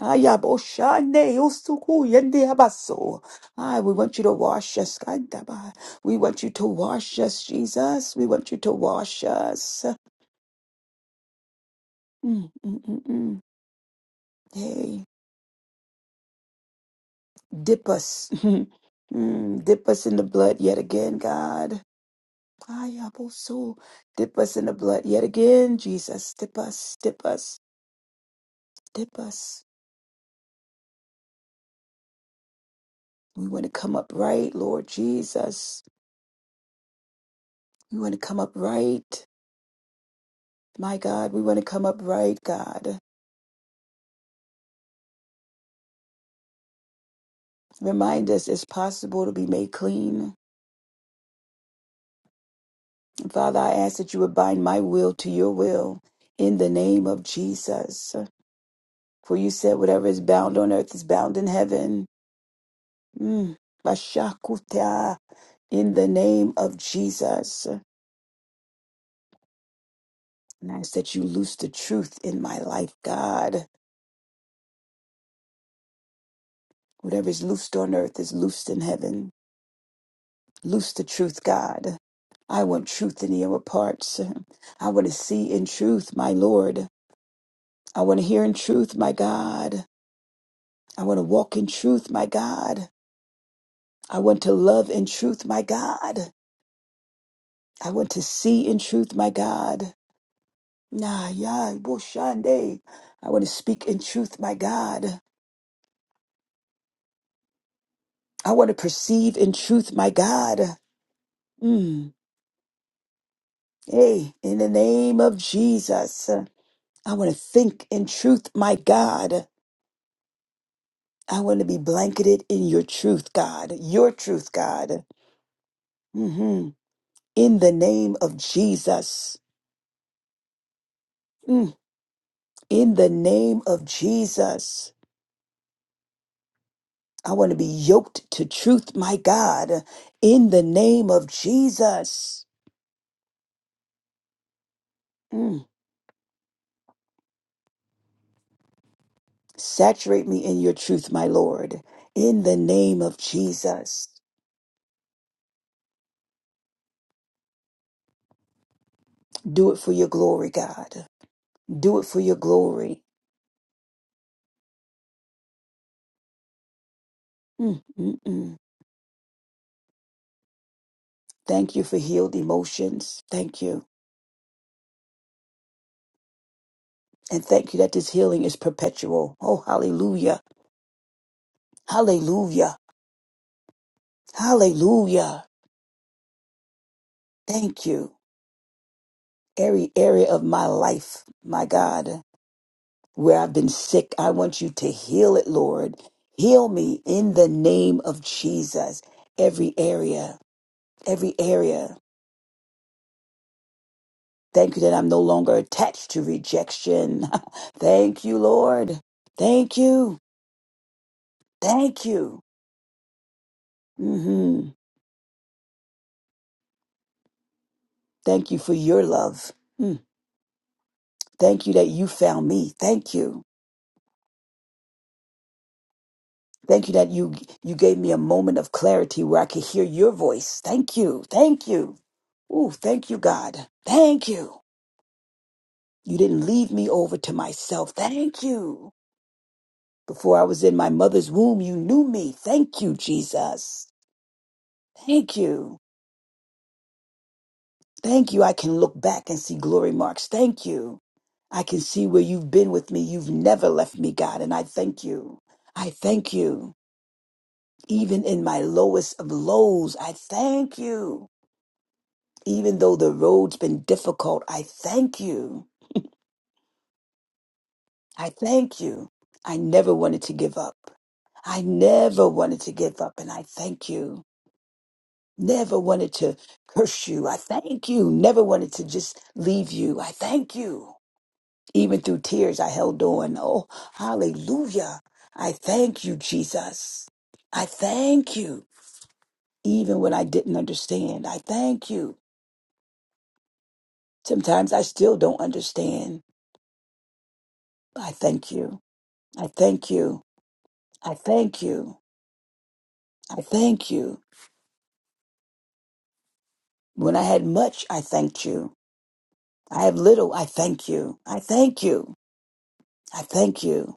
We want you to wash us. Kandaba. We want you to wash us, Jesus. We want you to wash us. Mm, mm, mm, mm. Hey, dip us. Mm, dip us in the blood yet again, God. Ayabosu. Dip us in the blood yet again, Jesus. Dip us, dip us, dip us. We want to come up right, Lord Jesus. We want to come up right. My God, we want to come up right, God. Remind us it's possible to be made clean. And Father, I ask that you would bind my will to your will in the name of Jesus. For you said whatever is bound on earth is bound in heaven. Mm. Bashakuta. In the name of Jesus. And I ask that you loose the truth in my life, God. Whatever is loosed on earth is loosed in heaven. Loose the truth, God. I want truth in the inner parts. I want to see in truth, my Lord. I want to hear in truth, my God. I want to walk in truth, my God. I want to love in truth, my God. I want to see in truth, my God. Nah, yeah, boshande. I want to speak in truth, my God. I want to perceive in truth, my God. Mm. Hey, in the name of Jesus, uh, I want to think in truth, my God. I want to be blanketed in your truth, God, your truth, God. hmm In the name of Jesus. Mm, In the name of Jesus. I want to be yoked to truth, my God. In the name of Jesus. Mm, Saturate me in your truth, my Lord. In the name of Jesus. Do it for your glory, God. Do it for your glory. Mm, mm, mm. Thank you for healed emotions. Thank you. And thank you that this healing is perpetual. Oh, hallelujah. Hallelujah. Hallelujah. Thank you. Every area of my life, my God, where I've been sick, I want you to heal it, Lord. Heal me in the name of Jesus. Every area, every area. Thank you that I'm no longer attached to rejection. thank you, Lord. Thank you. Thank you. hmm Thank you for your love. Mm. Thank you that you found me. Thank you. Thank you that you you gave me a moment of clarity where I could hear your voice. Thank you. Thank you. Ooh, thank you, God. Thank you. You didn't leave me over to myself. Thank you. Before I was in my mother's womb, you knew me. Thank you, Jesus. Thank you. Thank you. I can look back and see glory marks. Thank you. I can see where you've been with me. You've never left me, God. And I thank you. I thank you. Even in my lowest of lows, I thank you. Even though the road's been difficult, I thank you. I thank you. I never wanted to give up. I never wanted to give up. And I thank you. Never wanted to curse you. I thank you. Never wanted to just leave you. I thank you. Even through tears, I held on. Oh, hallelujah. I thank you, Jesus. I thank you. Even when I didn't understand, I thank you. Sometimes I still don't understand. but I thank you. I thank you. I thank you. I thank you. When I had much, I thanked you. I have little, I thank you. I thank you. I thank you.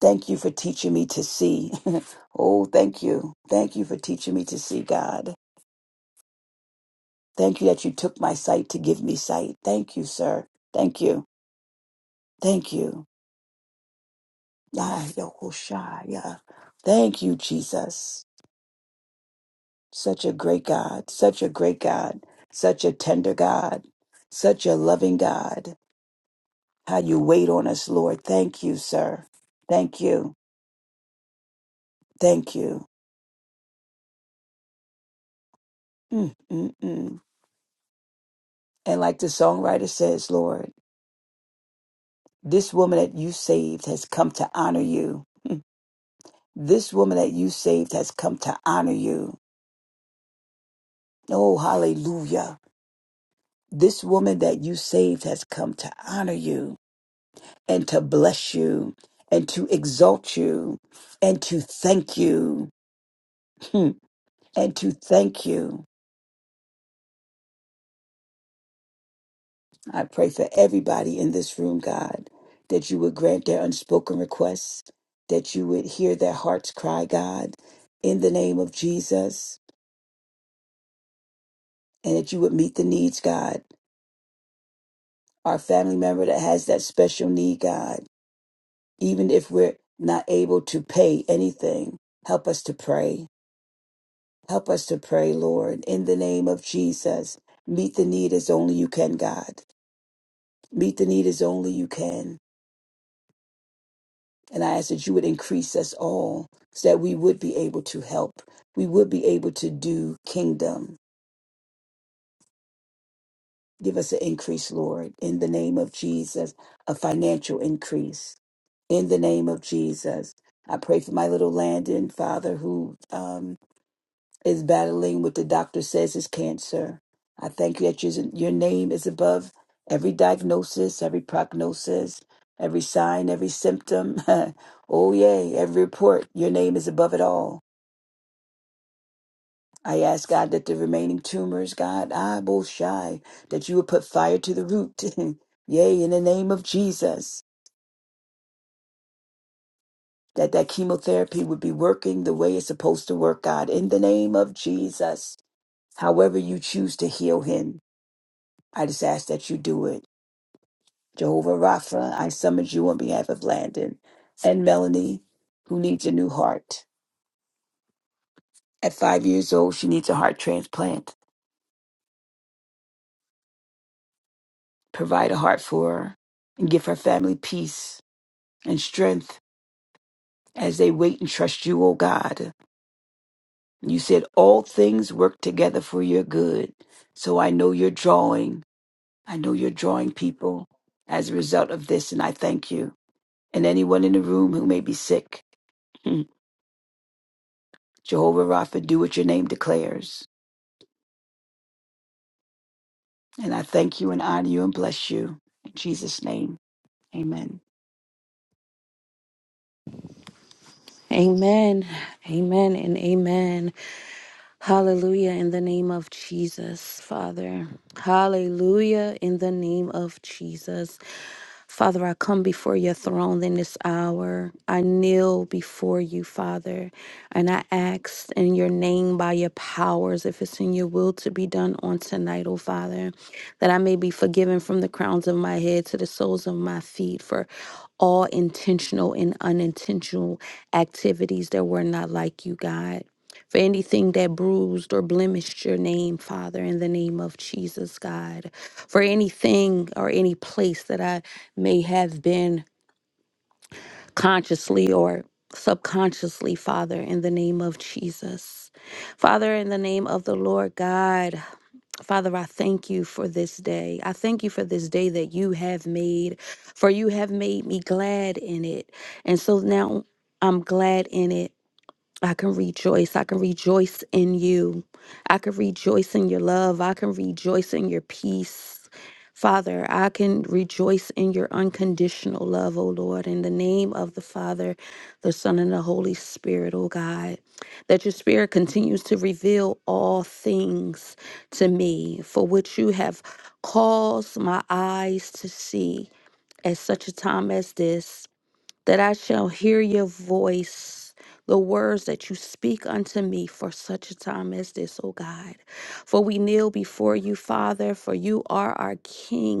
Thank you for teaching me to see. oh, thank you. Thank you for teaching me to see, God. Thank you that you took my sight to give me sight. Thank you, sir. Thank you. Thank you. Ah, Yahushua. Thank you, Jesus. Such a great God. Such a great God. Such a tender God. Such a loving God. How you wait on us, Lord. Thank you, sir. Thank you. Thank you. Mm, mm, mm. And like the songwriter says, Lord, this woman that you saved has come to honor you. This woman that you saved has come to honor you. Oh, hallelujah. This woman that you saved has come to honor you and to bless you and to exalt you and to thank you and to thank you. I pray for everybody in this room, God, that you would grant their unspoken requests, that you would hear their hearts cry, God, in the name of Jesus, and that you would meet the needs, God. Our family member that has that special need, God. even if we're not able to pay anything, help us to pray. Help us to pray, Lord, in the name of Jesus. Meet the need as only you can, God. Meet the need as only you can. And I ask that you would increase us all so that we would be able to help. We would be able to do kingdom. Give us an increase, Lord, in the name of Jesus, a financial increase. In the name of Jesus. I pray for my little Landon, Father, who um. is battling what the doctor says is cancer. I thank you that your, your name is above every diagnosis, every prognosis, every sign, every symptom. oh, yay, every report. Your name is above it all. I ask God that the remaining tumors, God, I both shy, that you would put fire to the root. yay, in the name of Jesus. That that chemotherapy would be working the way it's supposed to work, God, in the name of Jesus. However you choose to heal him. I just ask that you do it. Jehovah Rapha, I summons you on behalf of Landon and Melanie, who needs a new heart. At five years old, she needs a heart transplant. Provide a heart for her and give her family peace and strength as they wait and trust you, O God. You said all things work together for your good. So I know you're drawing. I know you're drawing people as a result of this, and I thank you. And anyone in the room who may be sick. Jehovah Rapha, do what your name declares. And I thank you and honor you and bless you. In Jesus' name, amen. Amen. Amen and amen. Hallelujah in the name of Jesus, Father. Hallelujah in the name of Jesus. Father, I come before your throne in this hour. I kneel before you, Father, and I ask in your name by your powers, if it's in your will to be done on tonight, oh Father, that I may be forgiven from the crowns of my head to the soles of my feet for all intentional and unintentional activities that were not like you, God for anything that bruised or blemished your name, Father, in the name of Jesus, God, for anything or any place that I may have been consciously or subconsciously, Father, in the name of Jesus. Father, in the name of the Lord God, Father, I thank you for this day. I thank you for this day that you have made, for you have made me glad in it. And so now I'm glad in it. I can rejoice. I can rejoice in you. I can rejoice in your love. I can rejoice in your peace. Father, I can rejoice in your unconditional love, O Lord, in the name of the Father, the Son, and the Holy Spirit, O God. That your Spirit continues to reveal all things to me, for which you have caused my eyes to see at such a time as this that I shall hear your voice, the words that you speak unto me for such a time as this, O God. For we kneel before you, Father, for you are our King.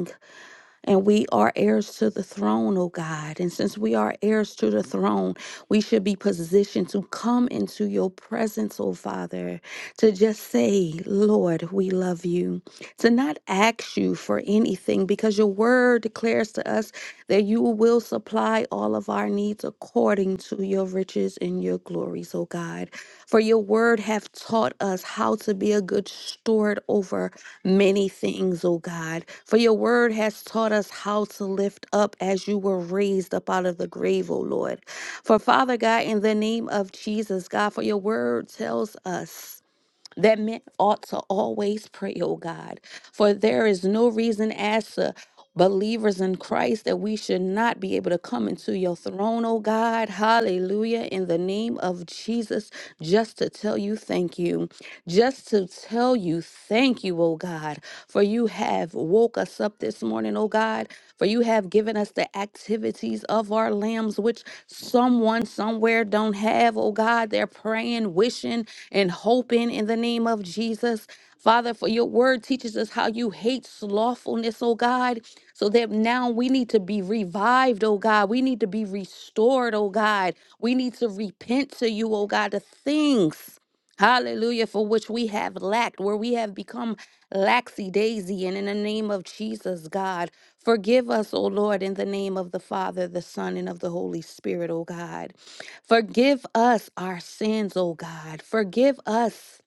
And we are heirs to the throne, oh God. And since we are heirs to the throne, we should be positioned to come into your presence, oh Father, to just say, Lord, we love you, to not ask you for anything because your word declares to us that you will supply all of our needs according to your riches and your glories, oh God. For your word have taught us how to be a good steward over many things, O God. For your word has taught us how to lift up as you were raised up out of the grave, O Lord. For Father God, in the name of Jesus, God, for your word tells us that men ought to always pray, oh God. For there is no reason as to believers in Christ that we should not be able to come into your throne, oh God. Hallelujah. In the name of Jesus, just to tell you thank you. Just to tell you thank you, oh God. For you have woke us up this morning, oh God. For you have given us the activities of our lambs, which someone somewhere don't have, oh God. They're praying, wishing, and hoping in the name of Jesus. Father, for your word teaches us how you hate slothfulness, oh God, so that now we need to be revived, oh God. We need to be restored, oh God. We need to repent to you, oh God, the things, hallelujah, for which we have lacked, where we have become laxy daisy. And in the name of Jesus, God, forgive us, oh Lord, in the name of the Father, the Son, and of the Holy Spirit, oh God. Forgive us our sins, oh God. Forgive us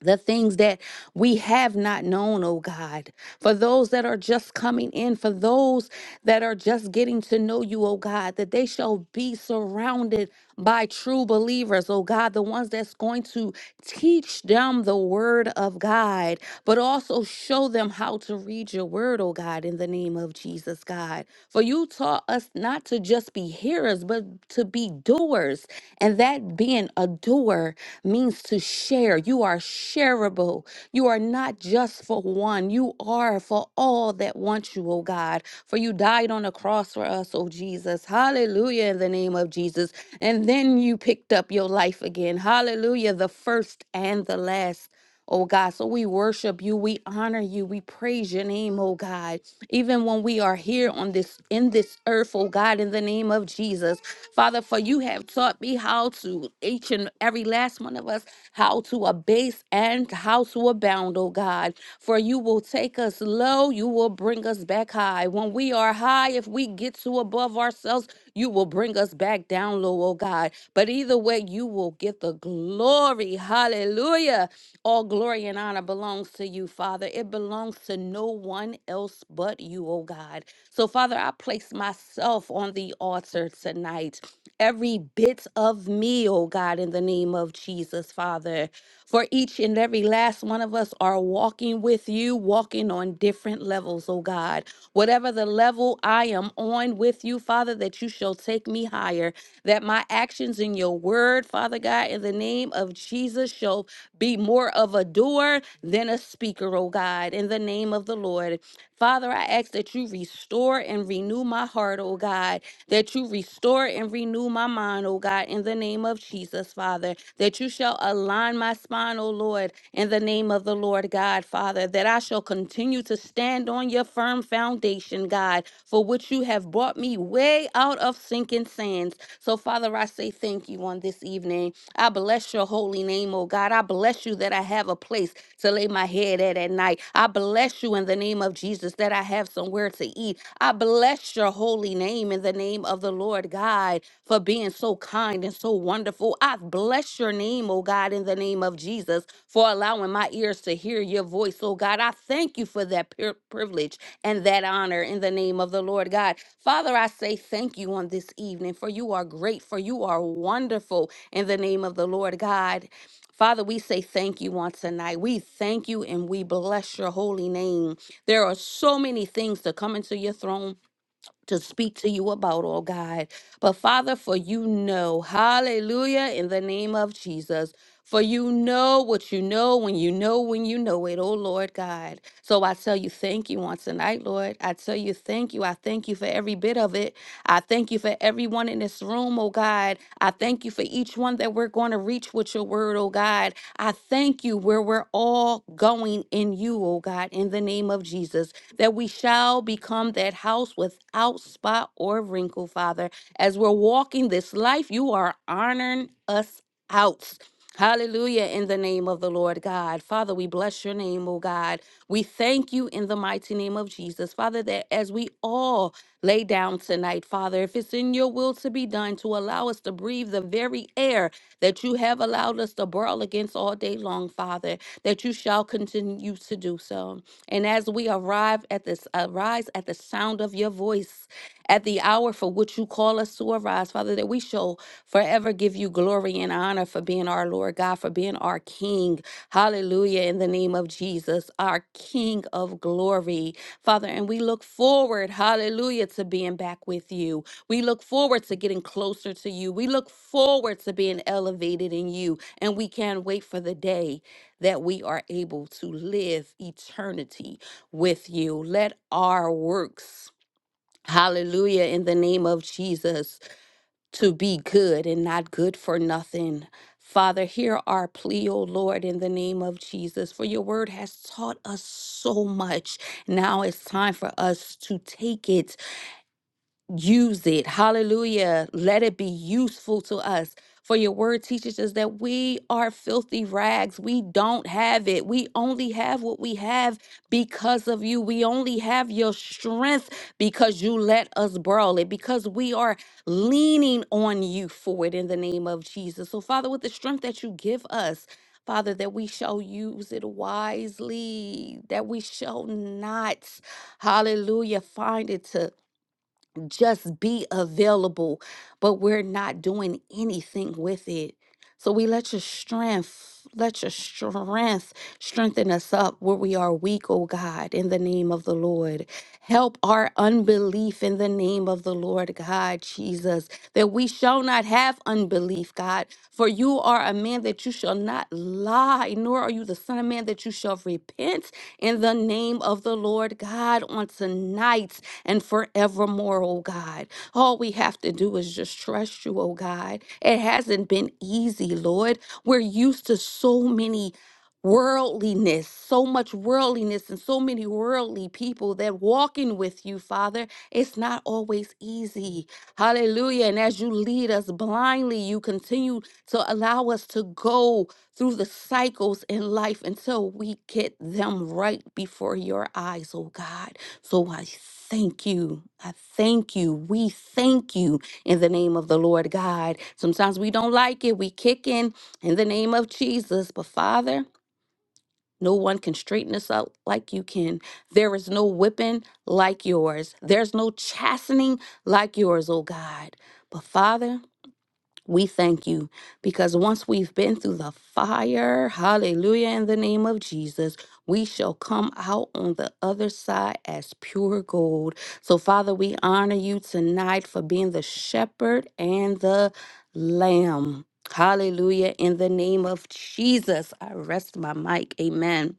the things that we have not known, oh God, for those that are just coming in, for those that are just getting to know you, oh God, that they shall be surrounded by true believers, oh God, the ones that's going to teach them the word of God, but also show them how to read your word, oh God, in the name of Jesus, God. For you taught us not to just be hearers, but to be doers, and that being a doer share means to share. You are shareable. You are not just for one, you are for all that want you, oh God. For you died on the cross for us, oh Jesus. Hallelujah, in the name of Jesus. And then you picked up your life again. Hallelujah, the first and the last. Oh God, so we worship you, we honor you, we praise your name, oh God. Even when we are here on this in this earth, oh God, in the name of Jesus. Father, for you have taught me how to each and every last one of us how to abase and how to abound, oh God. For you will take us low, you will bring us back high. When we are high, if we get too above ourselves, you will bring us back down low, oh God. But either way, you will get the glory. Hallelujah. All glory and honor belongs to you, Father. It belongs to no one else but you, oh God. So, Father, I place myself on the altar tonight. Every bit of me, oh God, in the name of Jesus, Father. For each and every last one of us are walking with you, walking on different levels, oh God. Whatever the level I am on with you, Father, that you shall take me higher, that my actions in your word, Father God, in the name of Jesus, shall be more of a doer than a speaker, oh God, in the name of the Lord. Father, I ask that you restore and renew my heart, oh God, that you restore and renew my mind, oh God, in the name of Jesus, Father, that you shall align my spine, oh Lord, in the name of the Lord God, Father, that I shall continue to stand on your firm foundation, God, for which you have brought me way out of sinking sands. So, Father, I say thank you on on this evening. I bless your holy name, oh God. I bless you that I have a place to lay my head at at night. I bless you in the name of Jesus that I have somewhere to eat. I bless your holy name in the name of the Lord God for being so kind and so wonderful. I bless your name, oh God, in the name of Jesus for allowing my ears to hear your voice, oh God. I thank you for that pri- privilege and that honor in the name of the Lord God. Father, I say thank you on this evening, for you are great, for you are wonderful in the name of the Lord God. Father, we say thank you on tonight. We thank you and we bless your holy name. There are so many things to come into your throne to speak to you about, oh God. But Father, for you know, hallelujah, in the name of Jesus. For you know what you know when you know when you know it, oh Lord God. So I tell you thank you on tonight, Lord. I tell you thank you. I thank you for every bit of it. I thank you for everyone in this room, oh God. I thank you for each one that we're going to reach with your word, oh God. I thank you where we're all going in you, oh God, in the name of Jesus that we shall become that house without spot or wrinkle, Father. As we're walking this life, you are honoring us out. Hallelujah in the name of the Lord God. Father, we bless your name, O God. We thank you in the mighty name of Jesus. Father, that as we all lay down tonight, Father, if it's in your will to be done to allow us to breathe the very air that you have allowed us to brawl against all day long, Father, that you shall continue to do so. And as we arrive at this, arise at the sound of your voice, at the hour for which you call us to arise, Father, that we shall forever give you glory and honor for being our Lord God, for being our King. Hallelujah. In the name of Jesus, our King of glory, Father. And we look forward, hallelujah, to being back with you. We look forward to getting closer to you. We look forward to being elevated in you. And we can't wait for the day that we are able to live eternity with you. Let our works, hallelujah, in the name of Jesus, to be good and not good for nothing. Father, hear our plea, O Lord, in the name of Jesus, for your word has taught us so much. Now it's time for us to take it use it. Hallelujah. Let it be useful to us. For your word teaches us that we are filthy rags. We don't have it. We only have what we have because of you. We only have your strength because you let us borrow it, because we are leaning on you for it in the name of Jesus. So, Father, with the strength that you give us, Father, that we shall use it wisely, that we shall not, hallelujah, find it to will just be available, but we're not doing anything with it. So we let your strength, let your strength strengthen us up where we are weak, oh God, in the name of the Lord. Help our unbelief in the name of the Lord God, Jesus, that we shall not have unbelief, God. For you are a man that you shall not lie, nor are you the son of man that you shall repent in the name of the Lord God on tonight and forevermore, oh God. All we have to do is just trust you, oh God. It hasn't been easy, Lord. We're used to so many worldliness, so much worldliness, and so many worldly people that walking with you, Father, it's not always easy. Hallelujah. And as you lead us blindly, you continue to allow us to go through the cycles in life until we get them right before your eyes, oh God. So I thank you. I thank you. We thank you in the name of the Lord God. Sometimes we don't like it. We kick in in the name of Jesus. But Father, no one can straighten us out like you can. There is no whipping like yours. There's no chastening like yours, oh God. But Father, we thank you because once we've been through the fire, hallelujah, in the name of Jesus, we shall come out on the other side as pure gold. So, Father, we honor you tonight for being the shepherd and the lamb. Hallelujah, in the name of Jesus. I rest my mic. Amen.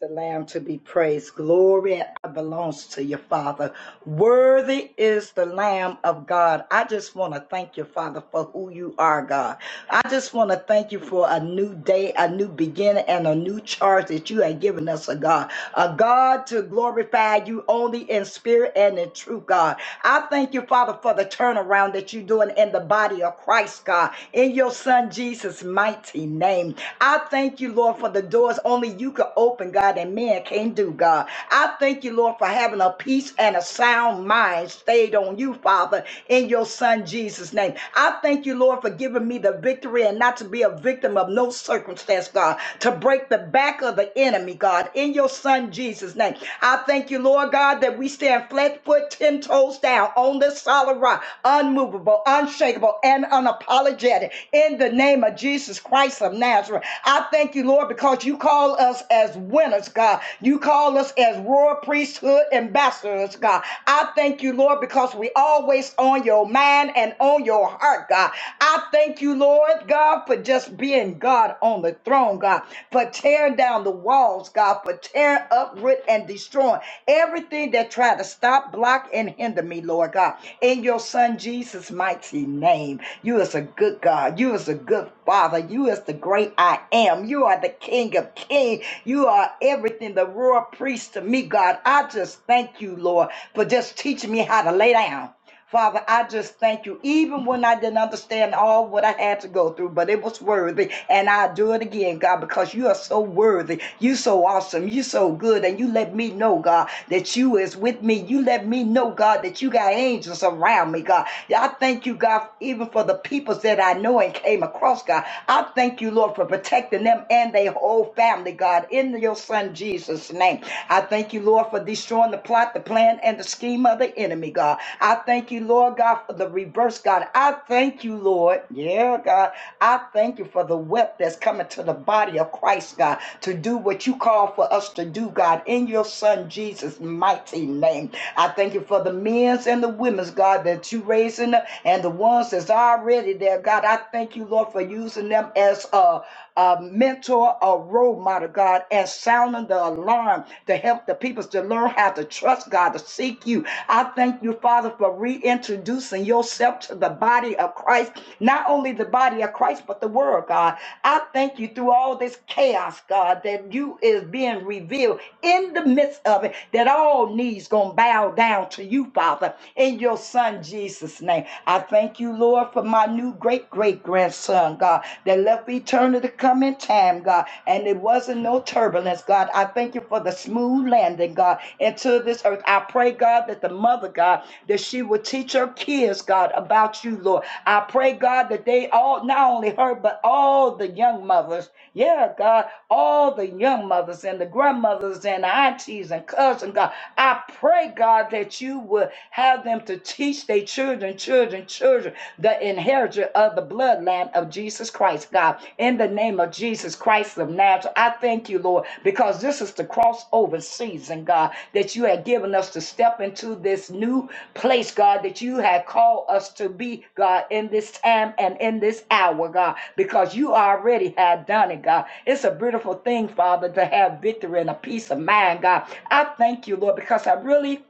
the Lamb to be praised. Glory belongs to your Father. Worthy is the Lamb of God. I just want to thank you, Father, for who you are, God. I just want to thank you for a new day, a new beginning, and a new charge that you have given us, a God. A God to glorify you only in spirit and in truth, God. I thank you, Father, for the turnaround that you're doing in the body of Christ, God, in your Son Jesus' mighty name. I thank you, Lord, for the doors only you can open, God, and man can not do, God. I thank you, Lord, for having a peace and a sound mind stayed on you, Father, in your Son Jesus. Jesus' name. I thank you, Lord, for giving me the victory and not to be a victim of no circumstance, God, to break the back of the enemy, God, in your son Jesus' name. I thank you, Lord God, that we stand flat foot, ten toes down on this solid rock, unmovable, unshakable, and unapologetic in the name of Jesus Christ of Nazareth. I thank you, Lord, because you call us as winners, God. You call us as royal priesthood ambassadors, God. I thank you thank you, Lord, because we always on your mind and on your heart, God. I thank you, Lord, God, for just being God on the throne, God, for tearing down the walls, God, for tearing uproot and destroying everything that tried to stop, block, and hinder me, Lord God. In your son Jesus' mighty name. You is a good God. You is a good Father, you is the great I am. You are the King of Kings. You are everything, the royal priest to me, God. I just thank you, Lord, for just teaching me how to lay down. Father, I just thank you, even when I didn't understand all what I had to go through, but it was worthy. And I do it again, God, because you are so worthy. You so awesome. You so good. And you let me know, God, that you is with me. You let me know, God, that you got angels around me, God. I thank you, God, even for the people that that I know and came across, God. I thank you, Lord, for protecting them and their whole family, God, in your son Jesus' name. I thank you, Lord, for destroying the plot, the plan, and the scheme of the enemy, God. I thank you, Lord, God, for the reverse, God. I thank you, Lord. Yeah, God. I thank you for the wealth that's coming to the body of Christ, God, to do what you call for us to do, God, in your son Jesus' mighty name. I thank you for the men's and the women's, God, that you raising up and the one ones that's already there, God, I thank you, Lord, for using them as a, a mentor, a role model, God, and sounding the alarm to help the peoples to learn how to trust God, to seek you. I thank you, Father, for reintroducing yourself to the body of Christ, not only the body of Christ, but the world, God. I thank you through all this chaos, God, that you is being revealed in the midst of it, that all knees gonna bow down to you, Father, in your son Jesus. Jesus' name. I thank you, Lord, for my new great great grandson, God, that left eternity to come in time, God, and it wasn't no turbulence, God. I thank you for the smooth landing, God, into this earth. I pray, God, that the mother, God, that she would teach her kids, God, about you, Lord. I pray, God, that they all, not only her, but all the young mothers, yeah, God, all the young mothers and the grandmothers and aunties and cousins, God. I pray, God, that you would. Have them to teach their children, children, children, the inheritance of the bloodline of Jesus Christ, God. In the name of Jesus Christ of Nazareth, I thank you, Lord, because this is the crossover season, God, that you have given us to step into this new place, God, that you have called us to be, God, in this time and in this hour, God, because you already have done it, God. It's a beautiful thing, Father, to have victory and a peace of mind, God. I thank you, Lord, because I really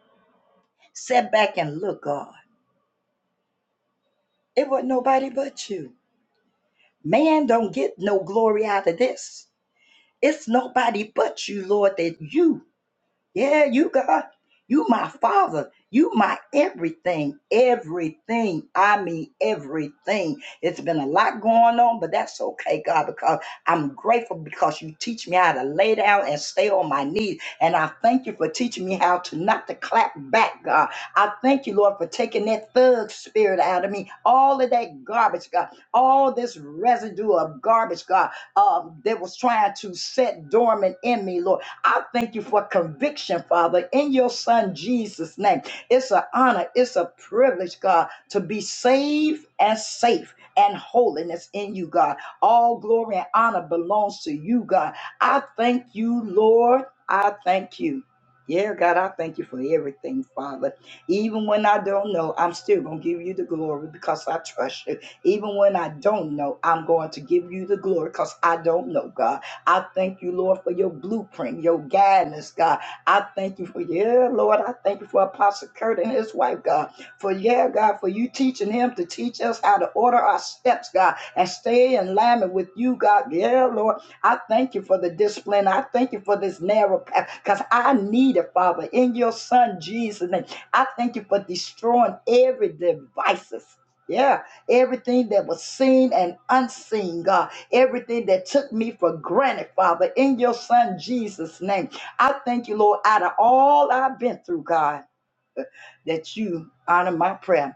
Sit back and look, God. It was nobody but you. Man don't get no glory out of this. It's nobody but you, Lord, that you Yeah, you God. You my father. You my everything. Everything. I mean everything. It's been a lot going on, but that's okay, God, because I'm grateful because you teach me how to lay down and stay on my knees. And I thank you for teaching me how to not to clap back, God. I thank you, Lord, for taking that thug spirit out of me. All of that garbage, God. All this residue of garbage, God, um, that was trying to set dormant in me, Lord. I thank you for conviction, Father, in your Son Jesus' name. It's an honor, it's a privilege, God, to be saved and safe and holiness in you, God. All glory and honor belongs to you, God. I thank you, Lord. I thank you. Yeah, God, I thank you for everything, Father. Even when I don't know, I'm still going to give you the glory because I trust you. Even when I don't know, I'm going to give you the glory because I don't know, God. I thank you, Lord, for your blueprint, your guidance, God. I thank you for, yeah, Lord, I thank you for Apostle Kurt and his wife, God. For, yeah, God, for you teaching him to teach us how to order our steps, God, and stay in alignment with you, God. Yeah, Lord, I thank you for the discipline. I thank you for this narrow path because I need it, Father, in your Son, Jesus' name. I thank you for destroying every devices. Yeah, everything that was seen and unseen, God everything that took me for granted, Father, in your Son Jesus' name. I thank you, Lord, out of all I've been through, God, that you honor my prayer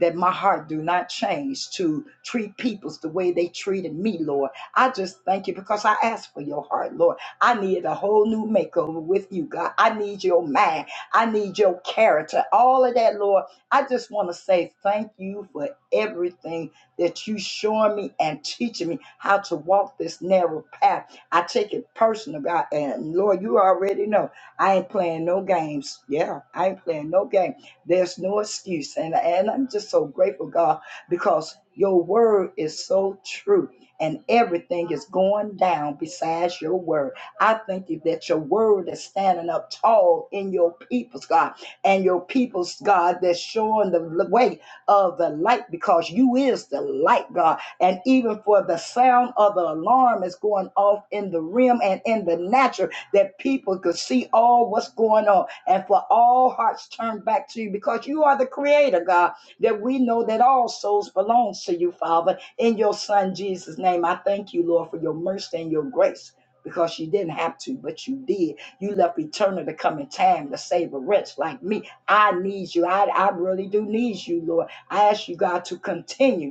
that my heart do not change to treat peoples the way they treated me, Lord. I just thank you because I asked for your heart, Lord. I need a whole new makeover with you, God. I need your mind. I need your character. All of that, Lord. I just want to say thank you for everything that you showing me and teaching me how to walk this narrow path. I take it personal, God. And Lord, you already know I ain't playing no games. Yeah, I ain't playing no games. There's no excuse. And, and I'm just so grateful, God, because your word is so true and everything is going down besides your word. I thank you that your word is standing up tall in your people's God and your people's God that's showing the l- way of the light because you is the light, God. And even for the sound of the alarm is going off in the rim and in the natural that people could see all what's going on and for all hearts turned back to you because you are the creator, God, that we know that all souls belong to you, Father, in your Son Jesus' name. I thank you, Lord, for your mercy and your grace. Because you didn't have to, but you did. You left eternal to come in time to save a wretch like me. I need you. I, I really do need you, Lord. I ask you, God, to continue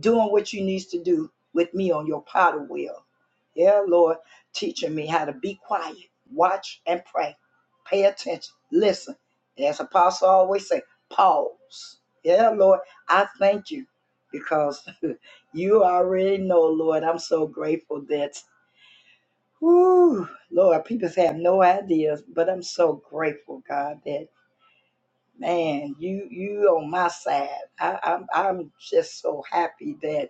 doing what you needs to do with me on your potter wheel. Yeah, Lord, teaching me how to be quiet, watch and pray, pay attention, listen. As Apostle always say, pause. Yeah, Lord, I thank you because you already know, Lord. I'm so grateful that, whew, Lord, people have no ideas, but I'm so grateful, God, that man, you you on my side. I, I'm I'm just so happy that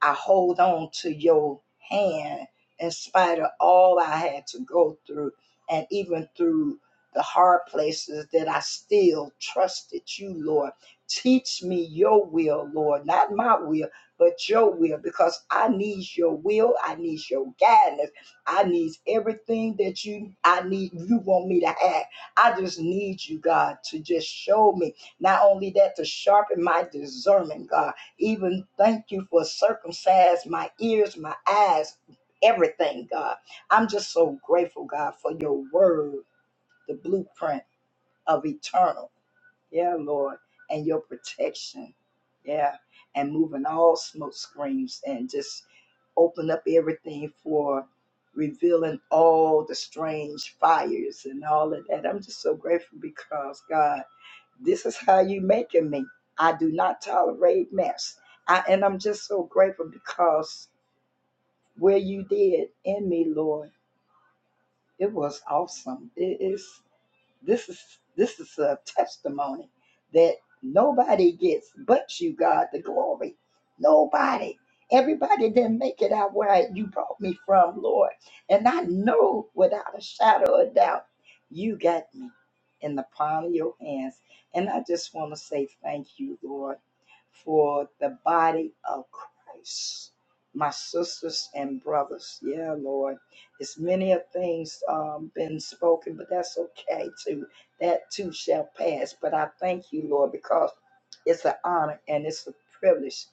I hold on to your hand in spite of all I had to go through, and even through the hard places that I still trusted you, Lord. Teach me your will, Lord, not my will, but your will, because I need your will. I need your guidance. I need everything that you I need you want me to have. I just need you, God, to just show me not only that to sharpen my discernment, God even thank you for circumcised my ears, my eyes, everything, God. I'm just so grateful, God, for your word, the blueprint of eternal. Yeah, Lord, and your protection. Yeah, and moving all smoke screens and just open up everything for revealing all the strange fires and all of that. I'm just so grateful because God. This is how you making me. I do not tolerate mess. I, and I'm just so grateful because where you did in me, Lord, it was awesome. It is. This is this is a testimony that nobody gets but you, God, the glory. Nobody. Everybody didn't make it out where you brought me from, Lord. And I know without a shadow of doubt, you got me in the palm of your hands. And I just want to say thank you, Lord, for the body of Christ, my sisters and brothers. Yeah, Lord it's many of things um, been spoken, but that's okay too. That too shall pass. But I thank you, Lord, because it's an honor and it's a privilege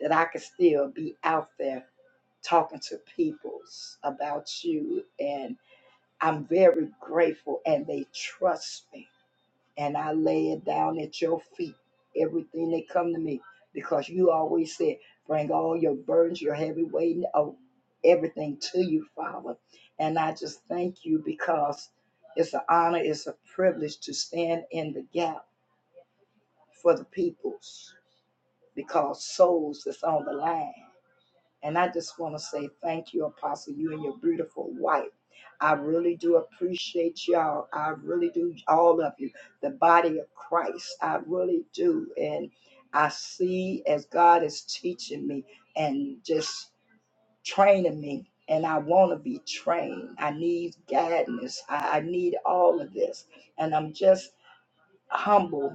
that I can still be out there talking to peoples about you. And I'm very grateful, and they trust me and I lay it down at your feet. Everything that come to me, because you always said, bring all your burdens, your heavy weight, oh, everything to you, Father. And I just thank you because it's an honor, it's a privilege to stand in the gap for the peoples, because souls is on the line. And I just want to say thank you, Apostle, you and your beautiful wife. I really do appreciate y'all. I really do, all of you, the body of Christ. I really do. And I see as God is teaching me and just training me. And I want to be trained. I need guidance. I, I need all of this. And I'm just humble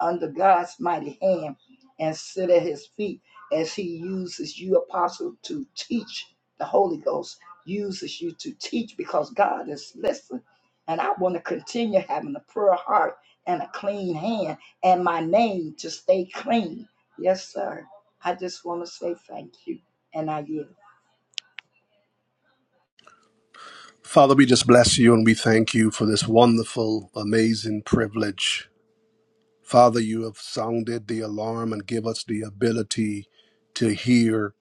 under God's mighty hand and sit at his feet as he uses you, apostle, to teach the Holy Ghost, uses you to teach because God is listening. And I want to continue having a pure heart and a clean hand and my name to stay clean. Yes, sir. I just want to say thank you. And I yield. Father, we just bless you and we thank you for this wonderful, amazing privilege. Father, you have sounded the alarm and give us the ability to hear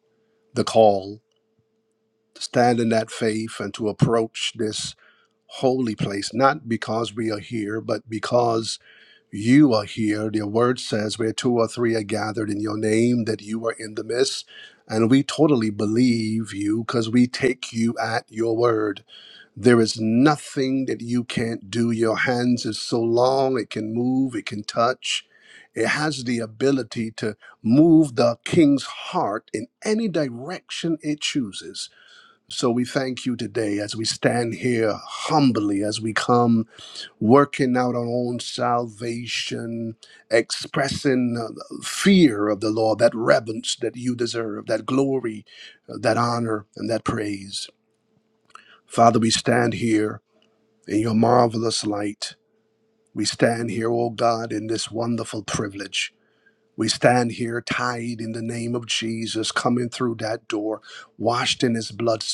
the call, to stand in that faith and to approach this holy place, not because we are here, but because You are here. Your word says where two or three are gathered in your name, that you are in the midst. And we totally believe you because we take you at your word. There is nothing that you can't do. Your hands is so long, it can move, it can touch. It has the ability to move the king's heart in any direction it chooses. So we thank you today as we stand here humbly, as we come working out our own salvation, expressing uh, fear of the Lord, that reverence that you deserve, that glory, uh, that honor, and that praise. Father, we stand here in your marvelous light. We stand here, O God, in this wonderful privilege. We stand here tied in the name of Jesus, coming through that door, washed in his blood,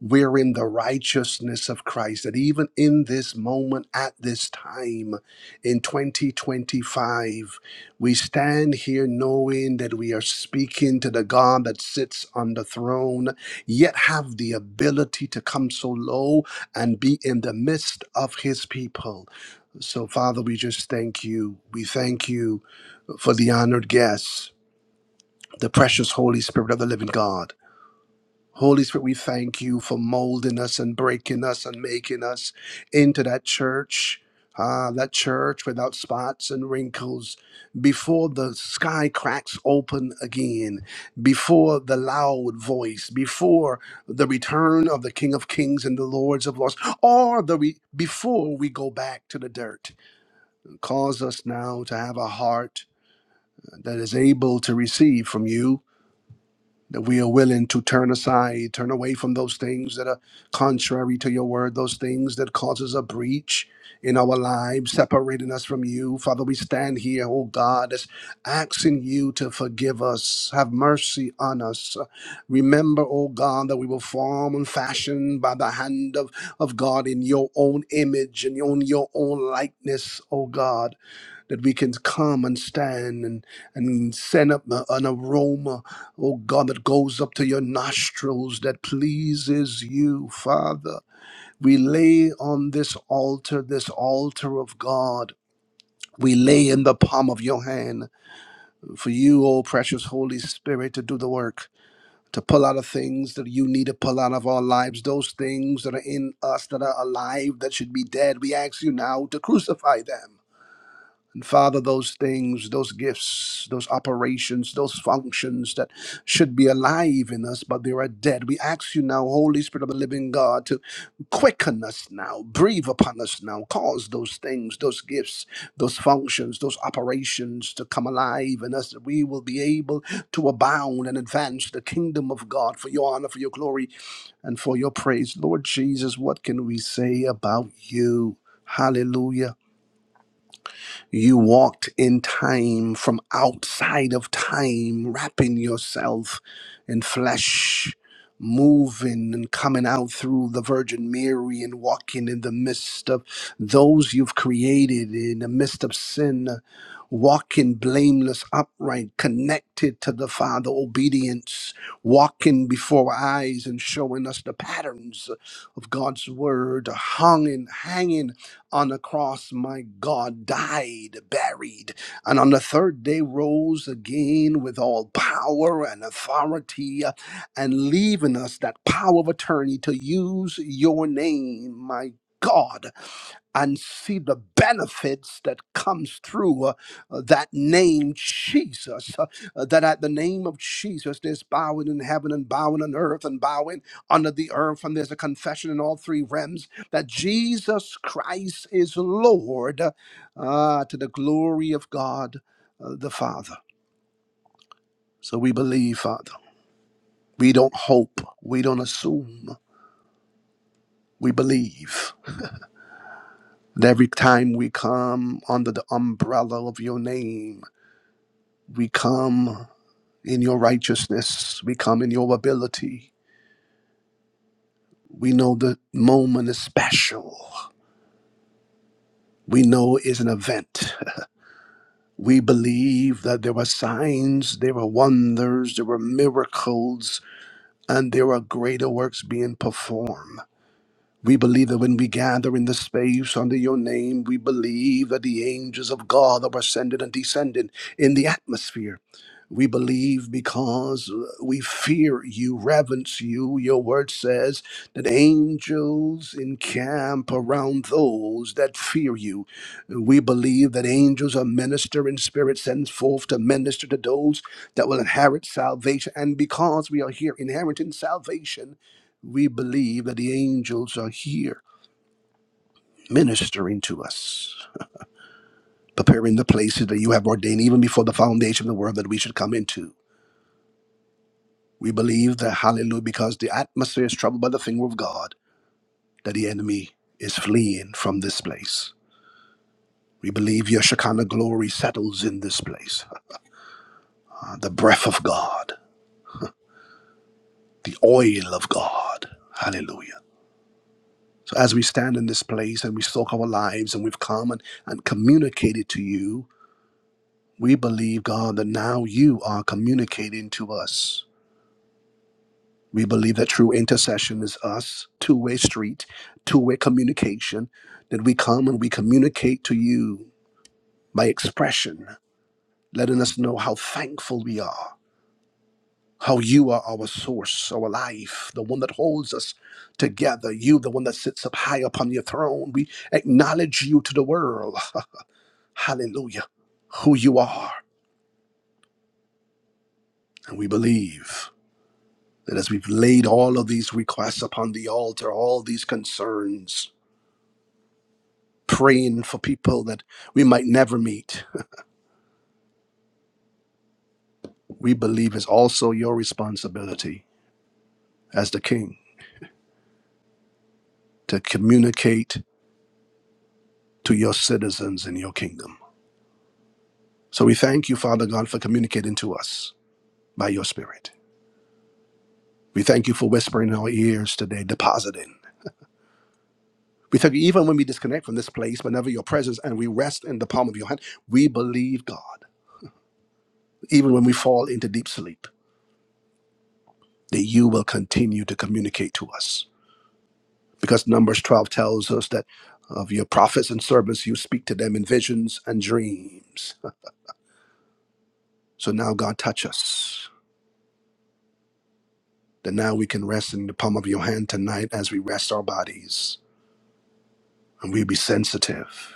wearing the righteousness of Christ. That even in this moment, at this time, in 2025, we stand here knowing that we are speaking to the God that sits on the throne, yet have the ability to come so low and be in the midst of his people. So, Father, we just thank you. We thank you for the honored guests, the precious Holy Spirit of the living God. Holy Spirit, we thank you for molding us and breaking us and making us into that church, ah, that church without spots and wrinkles, before the sky cracks open again, before the loud voice, before the return of the King of Kings and the Lords of Lords, or the re- before we go back to the dirt. Cause us now to have a heart that is able to receive from you that we are willing to turn aside, turn away from those things that are contrary to your word, those things that causes a breach in our lives, separating us from you. Father, we stand here, oh God, as asking you to forgive us, have mercy on us. Remember, oh God, that we were formed and fashioned by the hand of, of God in your own image and in your own likeness, oh God that we can come and stand and, and send up a- an aroma, oh God, that goes up to your nostrils that pleases you, Father. We lay on this altar, this altar of God. We lay in the palm of your hand for you, oh precious Holy Spirit, to do the work. To pull out of things that you need to pull out of our lives, those things that are in us that are alive, that should be dead. We ask you now to crucify them and Father, those things, those gifts, those operations, those functions that should be alive in us, but they are dead. We ask you now, Holy Spirit of the living God, to quicken us now, breathe upon us now, cause those things, those gifts, those functions, those operations to come alive in us, that we will be able to abound and advance the kingdom of God for your honor, for your glory, and for your praise. Lord Jesus, what can we say about you? Hallelujah. You walked in time from outside of time, wrapping yourself in flesh, moving and coming out through the Virgin Mary and walking in the midst of those you've created, in the midst of sin, walking blameless, upright, connected to the Father, obedience, walking before our eyes and showing us the patterns of God's word, hung and hanging on the cross, my God died, buried, and on the third day rose again with all power and authority, uh, and leaving us that power of attorney to use your name, my God, and see the benefits that comes through uh, uh, that name jesus uh, uh, that at the name of jesus there's bowing in heaven and bowing on earth and bowing under the earth and there's a confession in all three realms that Jesus Christ is Lord uh, to the glory of God uh, the Father. So we believe, Father. We don't hope. We don't assume. We believe. And every time we come under the umbrella of your name, we come in your righteousness, we come in your ability. We know the moment is special. We know it's an event. We believe that there were signs, there were wonders, there were miracles, and there are greater works being performed. We believe that when we gather in the space under your name, we believe that the angels of God are ascending and descending in the atmosphere. We believe because uh, we fear you, reverence you. Your word says that angels encamp around those that fear you. We believe that angels are ministering spirit sends forth to minister to those that will inherit salvation. And because we are here inheriting salvation, we believe that the angels are here ministering to us, preparing the places that you have ordained even before the foundation of the world that we should come into. We believe that, hallelujah, because the atmosphere is troubled by the finger of God, that the enemy is fleeing from this place. We believe your Shekinah glory settles in this place. Uh, the breath of God, the oil of God. Hallelujah. So as we stand in this place and we soak our lives and we've come and, and communicated to you, we believe, God, that now you are communicating to us We believe that true intercession is us, two way street, two way communication, that we come and we communicate to you by expression, letting us know how thankful we are, how you are our source, our life, the one that holds us together, you, the one that sits up high upon your throne. We acknowledge you to the world. Hallelujah. Who you are. And we believe that as we've laid all of these requests upon the altar, all these concerns, praying for people that we might never meet, we believe is also your responsibility as the king to communicate to your citizens in your kingdom. So we thank you, Father God, for communicating to us by your spirit. We thank you for whispering in our ears today, depositing. We thank you even when we disconnect from this place, whenever your presence and we rest in the palm of your hand, we believe, God, even when we fall into deep sleep, that you will continue to communicate to us because Numbers 12 tells us that of your prophets and servants, you speak to them in visions and dreams. So now, God, touch us. That now we can rest in the palm of your hand tonight as we rest our bodies. And we'll be sensitive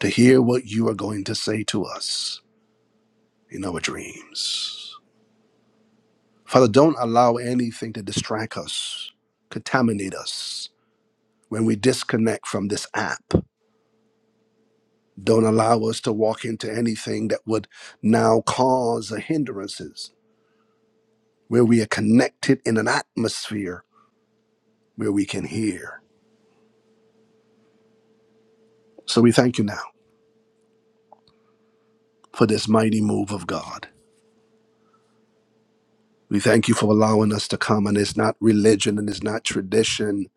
to hear what you are going to say to us in our dreams. Father, don't allow anything to distract us, contaminate us. When we disconnect from this app, don't allow us to walk into anything that would now cause hindrances where we are connected in an atmosphere where we can hear. So we thank you now for this mighty move of God. We thank you for allowing us to come, and it's not religion and it's not tradition,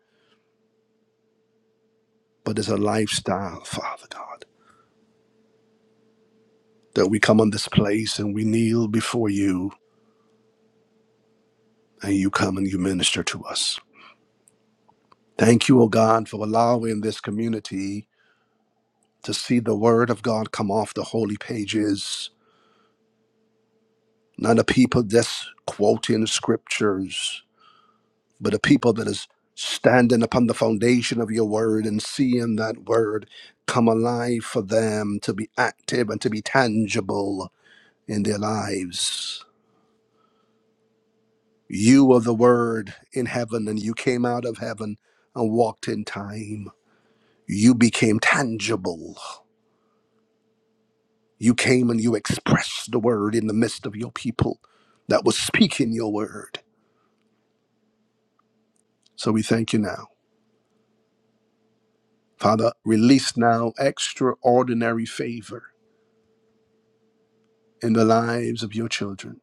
but it's a lifestyle, Father God, that we come on this place and we kneel before you, and you come and you minister to us. Thank you, O God, for allowing this community to see the word of God come off the holy pages, not the people just quoting scriptures, but a people that is standing upon the foundation of your word and seeing that word come alive for them to be active and to be tangible in their lives. You were the word in heaven, and you came out of heaven and walked in time. You became tangible. You came and you expressed the word in the midst of your people that was speaking your word. So we thank you now. Father, release now extraordinary favor in the lives of your children.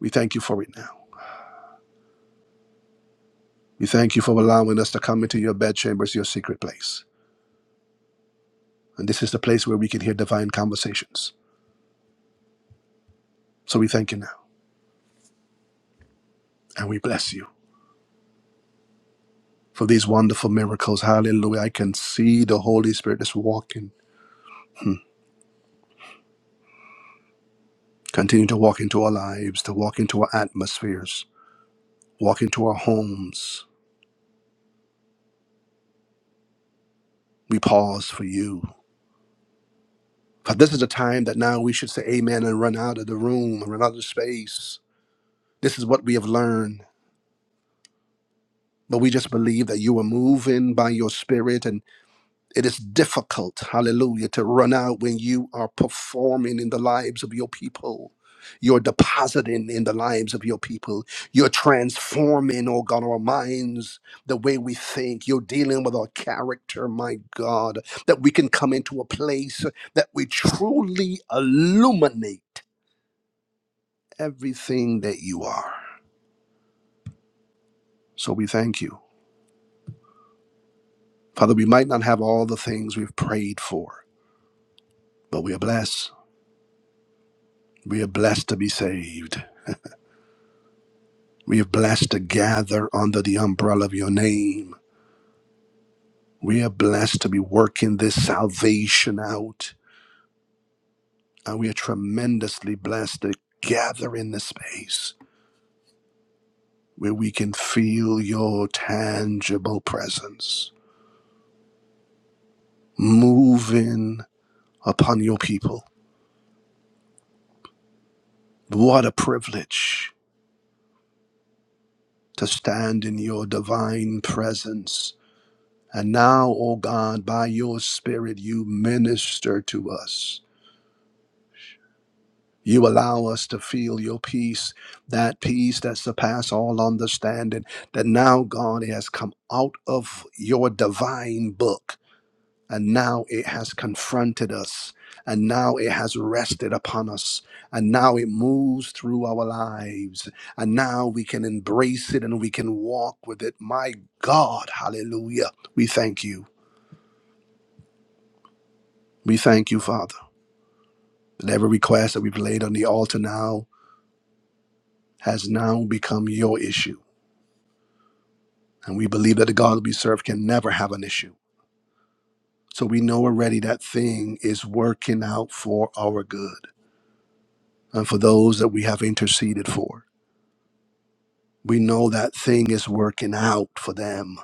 We thank you for it now. We thank you for allowing us to come into your bedchambers, your secret place. And this is the place where we can hear divine conversations. So we thank you now and we bless you for these wonderful miracles. Hallelujah. I can see the Holy Spirit is walking. Hmm. Continue to walk into our lives, to walk into our atmospheres, walk into our homes. We pause for you. For this is the time that now we should say amen and run out of the room, run out of the space. This is what we have learned. But we just believe that you were moving by your spirit, and it is difficult, hallelujah, to run out when you are performing in the lives of your people. You're depositing in the lives of your people. You're transforming, oh God, our minds, the way we think. You're dealing with our character, my God, that we can come into a place that we truly illuminate everything that you are. So we thank you. Father, we might not have all the things we've prayed for. But we are blessed. We are blessed to be saved. We are blessed to gather under the umbrella of your name. We are blessed to be working this salvation out. And we are tremendously blessed to gather in this space where we can feel your tangible presence moving upon your people. What a privilege to stand in your divine presence And now, O God, by your Spirit, you minister to us. You allow us to feel your peace, that peace that surpasses all understanding, that now, God, it has come out of your divine book, and now it has confronted us, and now it has rested upon us, and now it moves through our lives, and now we can embrace it and we can walk with it. My God, hallelujah. We thank you. We thank you, Father. That every request that we've laid on the altar now has now become your issue. And we believe that the God that we serve can never have an issue. So we know already that thing is working out for our good and for those that we have interceded for. We know that thing is working out for them.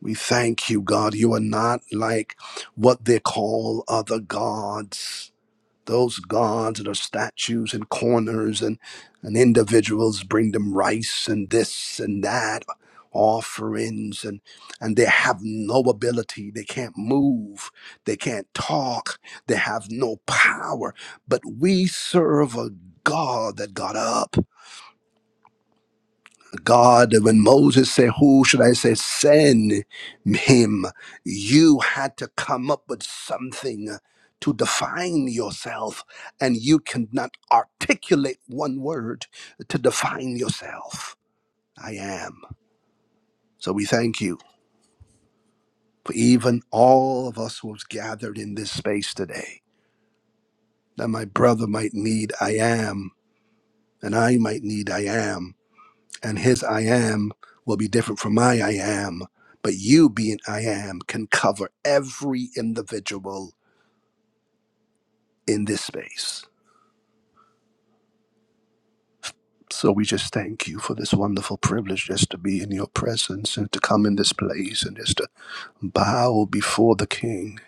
We thank you, God. You are not like what they call other gods those gods that are statues and corners and, and individuals bring them rice and this and that offerings and and they have no ability they can't move they can't talk they have no power but we serve a god that got up God, when Moses said, Who should I say send him? You had to come up with something to define yourself, and you cannot articulate one word to define yourself. I am. So we thank you for even all of us who have gathered in this space today. That my brother might need I am, and I might need I am and his I am will be different from my I am. But you being I am can cover every individual in this space. So we just thank you for this wonderful privilege just to be in your presence and to come in this place and just to bow before the King.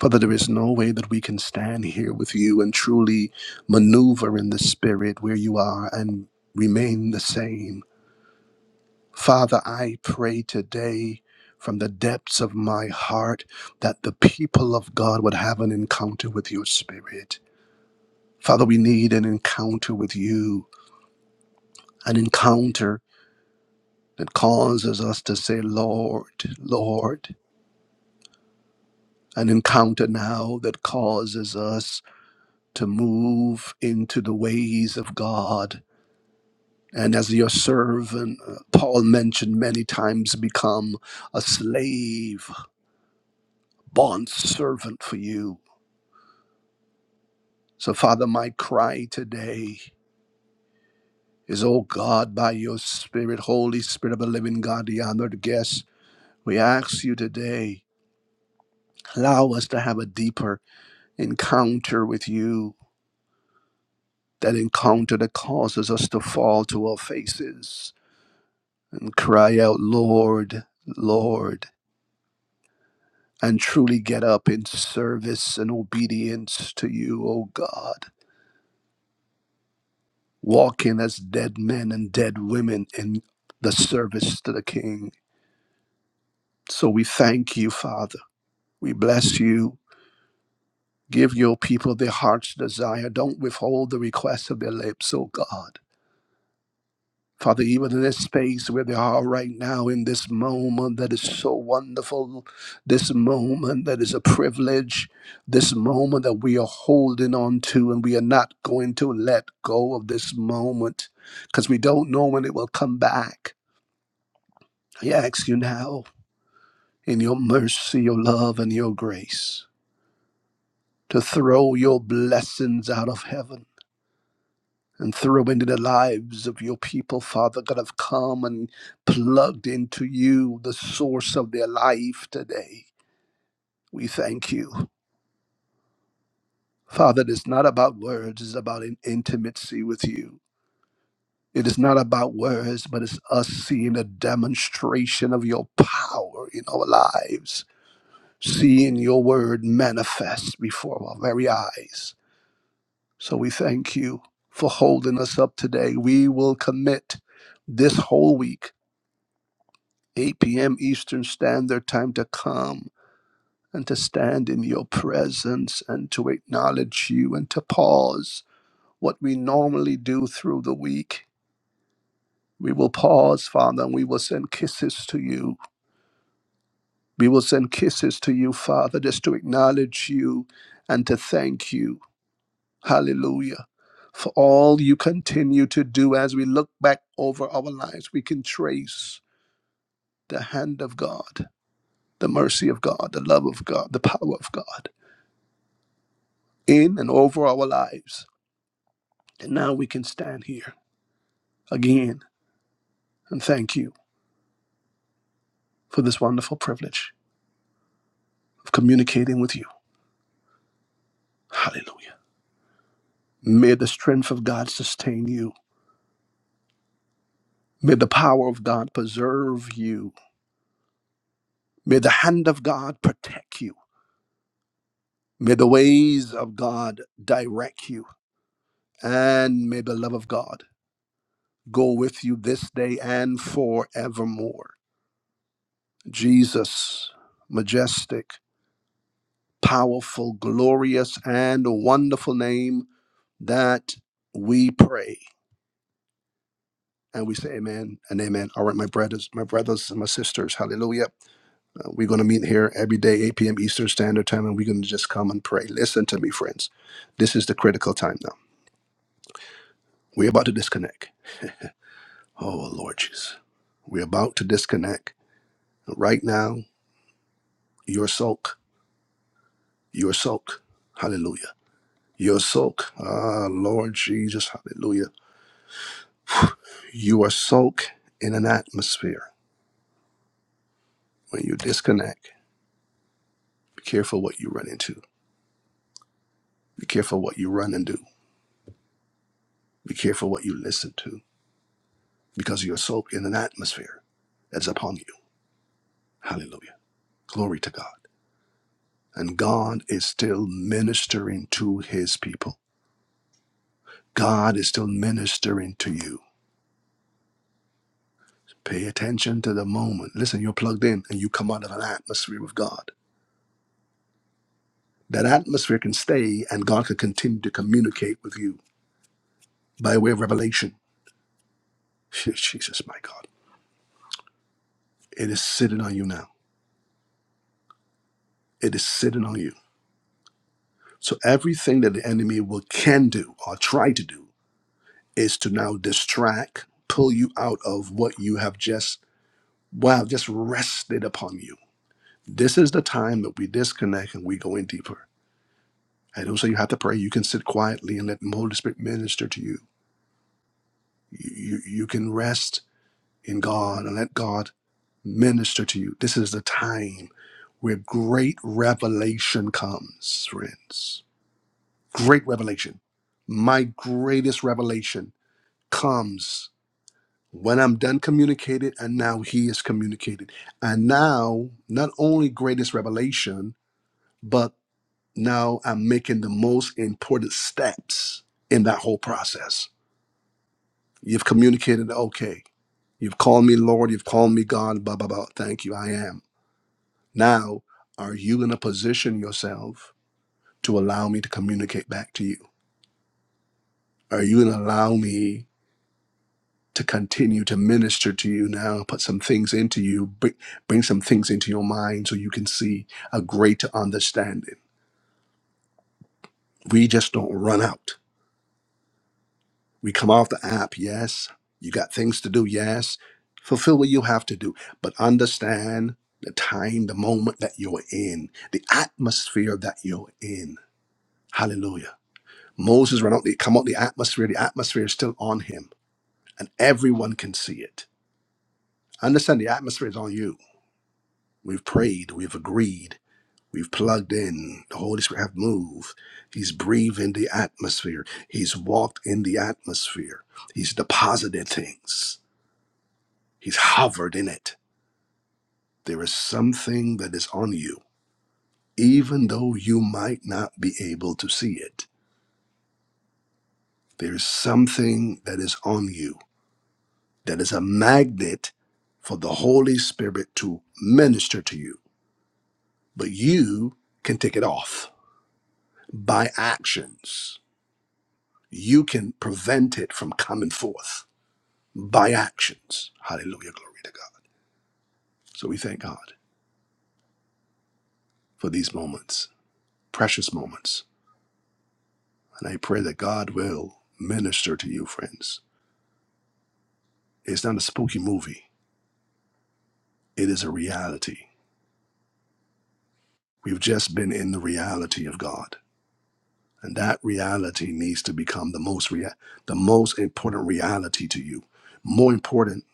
Father, there is no way that we can stand here with you and truly maneuver in the spirit where you are and remain the same Father, I pray today from the depths of my heart that the people of God would have an encounter with your spirit. Father, we need an encounter with you, an encounter that causes us to say, Lord, Lord, an encounter now that causes us to move into the ways of God. And as your servant, uh, Paul mentioned many times, become a slave, bond servant for you So, Father, my cry today is, oh God, by your Spirit, Holy Spirit of the living God, the honored guest, we ask you today, allow us to have a deeper encounter with you, that encounter that causes us to fall to our faces and cry out, Lord, Lord, and truly get up in service and obedience to you, O God, walking as dead men and dead women in the service to the King. So we thank you, Father. We bless you. Give your people their heart's desire. Don't withhold the request of their lips, oh God. Father, even in this space where they are right now, in this moment that is so wonderful, this moment that is a privilege, this moment that we are holding on to, and we are not going to let go of this moment because we don't know when it will come back. I ask you now, in your mercy, your love, and your grace to throw your blessings out of heaven and throw into the lives of your people, Father God, have come and plugged into you, the source of their life today. We thank you. Father, it's not about words, it's about an intimacy with you. It is not about words, but it's us seeing a demonstration of your power in our lives, seeing your word manifest before our very eyes. So we thank you for holding us up today. We will commit this whole week, 8 p.m. Eastern Standard Time, to come and to stand in your presence and to acknowledge you and to pause what we normally do through the week. We will pause, Father, and we will send kisses to you. We will send kisses to you, Father, just to acknowledge you and to thank you Hallelujah. For all you continue to do as we look back over our lives, we can trace the hand of God, the mercy of God, the love of God, the power of God in and over our lives. And now we can stand here again and thank you for this wonderful privilege of communicating with you. Hallelujah. May the strength of God sustain you. May the power of God preserve you. May the hand of God protect you. May the ways of God direct you. And may the love of God go with you this day and forevermore. Jesus, majestic, powerful, glorious, and wonderful name that we pray. And we say amen and amen. All right, my brothers, my brothers and my sisters, hallelujah. Uh, we're going to meet here every day, 8 p.m. Eastern Standard Time, and we're going to just come and pray. Listen to me, friends. This is the critical time now. We're about to disconnect. Oh, Lord Jesus. We're about to disconnect right now your soak, your soak. Hallelujah. Your soak. Ah, Lord Jesus. Hallelujah. You are soaked in an atmosphere. When you disconnect, be careful what you run into. Be careful what you run and do. Be careful what you listen to because you're soaked in an atmosphere that's upon you. Hallelujah. Glory to God. And God is still ministering to his people. God is still ministering to you. Pay attention to the moment. Listen, you're plugged in and you come out of an atmosphere with God. That atmosphere can stay and God can continue to communicate with you by way of revelation. Phew, Jesus, my God. It is sitting on you now. It is sitting on you. So everything that the enemy will can do or try to do is to now distract, pull you out of what you have just wow, just rested upon you. This is the time that we disconnect and we go in deeper. I don't say you have to pray. You can sit quietly and let the Holy Spirit minister to you. You, you, you can rest in God and let God minister to you. This is the time where great revelation comes, friends. Great revelation. My greatest revelation comes when I'm done communicating, and now he is communicated. And now, not only greatest revelation, but now I'm making the most important steps in that whole process. You've communicated, okay. You've called me Lord, you've called me God, blah, blah, blah. Thank you, I am. Now, are you in a position yourself to allow me to communicate back to you? Are you going to allow me to continue to minister to you now, put some things into you, bring, bring some things into your mind so you can see a greater understanding? We just don't run out. We come off the app, yes. You got things to do, yes. Fulfill what you have to do, but understand the time, the moment that you're in, the atmosphere that you're in. Hallelujah. Moses ran out the come out the atmosphere. The atmosphere is still on him, and everyone can see it. Understand the atmosphere is on you. We've prayed, we've agreed, we've plugged in. The Holy Spirit have moved. He's breathed in the atmosphere. He's walked in the atmosphere. He's deposited things. He's hovered in it. There is something that is on you, even though you might not be able to see it. There is something that is on you that is a magnet for the Holy Spirit to minister to you. But you can take it off by actions. You can prevent it from coming forth by actions. Hallelujah. Glory to God. So we thank God for these moments, precious moments. And I pray that God will minister to you, friends. It's not a spooky movie, it is a reality. We've just been in the reality of God. And that reality needs to become the most rea- the most important reality to you, more important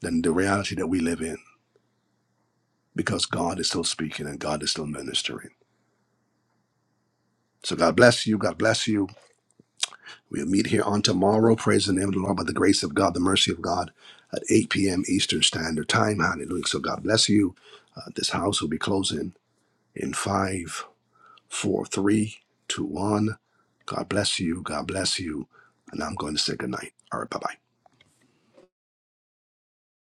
than the reality that we live in, because God is still speaking and God is still ministering. So God bless you. God bless you. We'll meet here on tomorrow. Praise the name of the Lord by the grace of God, the mercy of God, at 8 p.m. Eastern Standard Time. Hallelujah. So God bless you. Uh, this house will be closing in five, four, three, two, one. God bless you. God bless you. And I'm going to say goodnight. All right. Bye bye.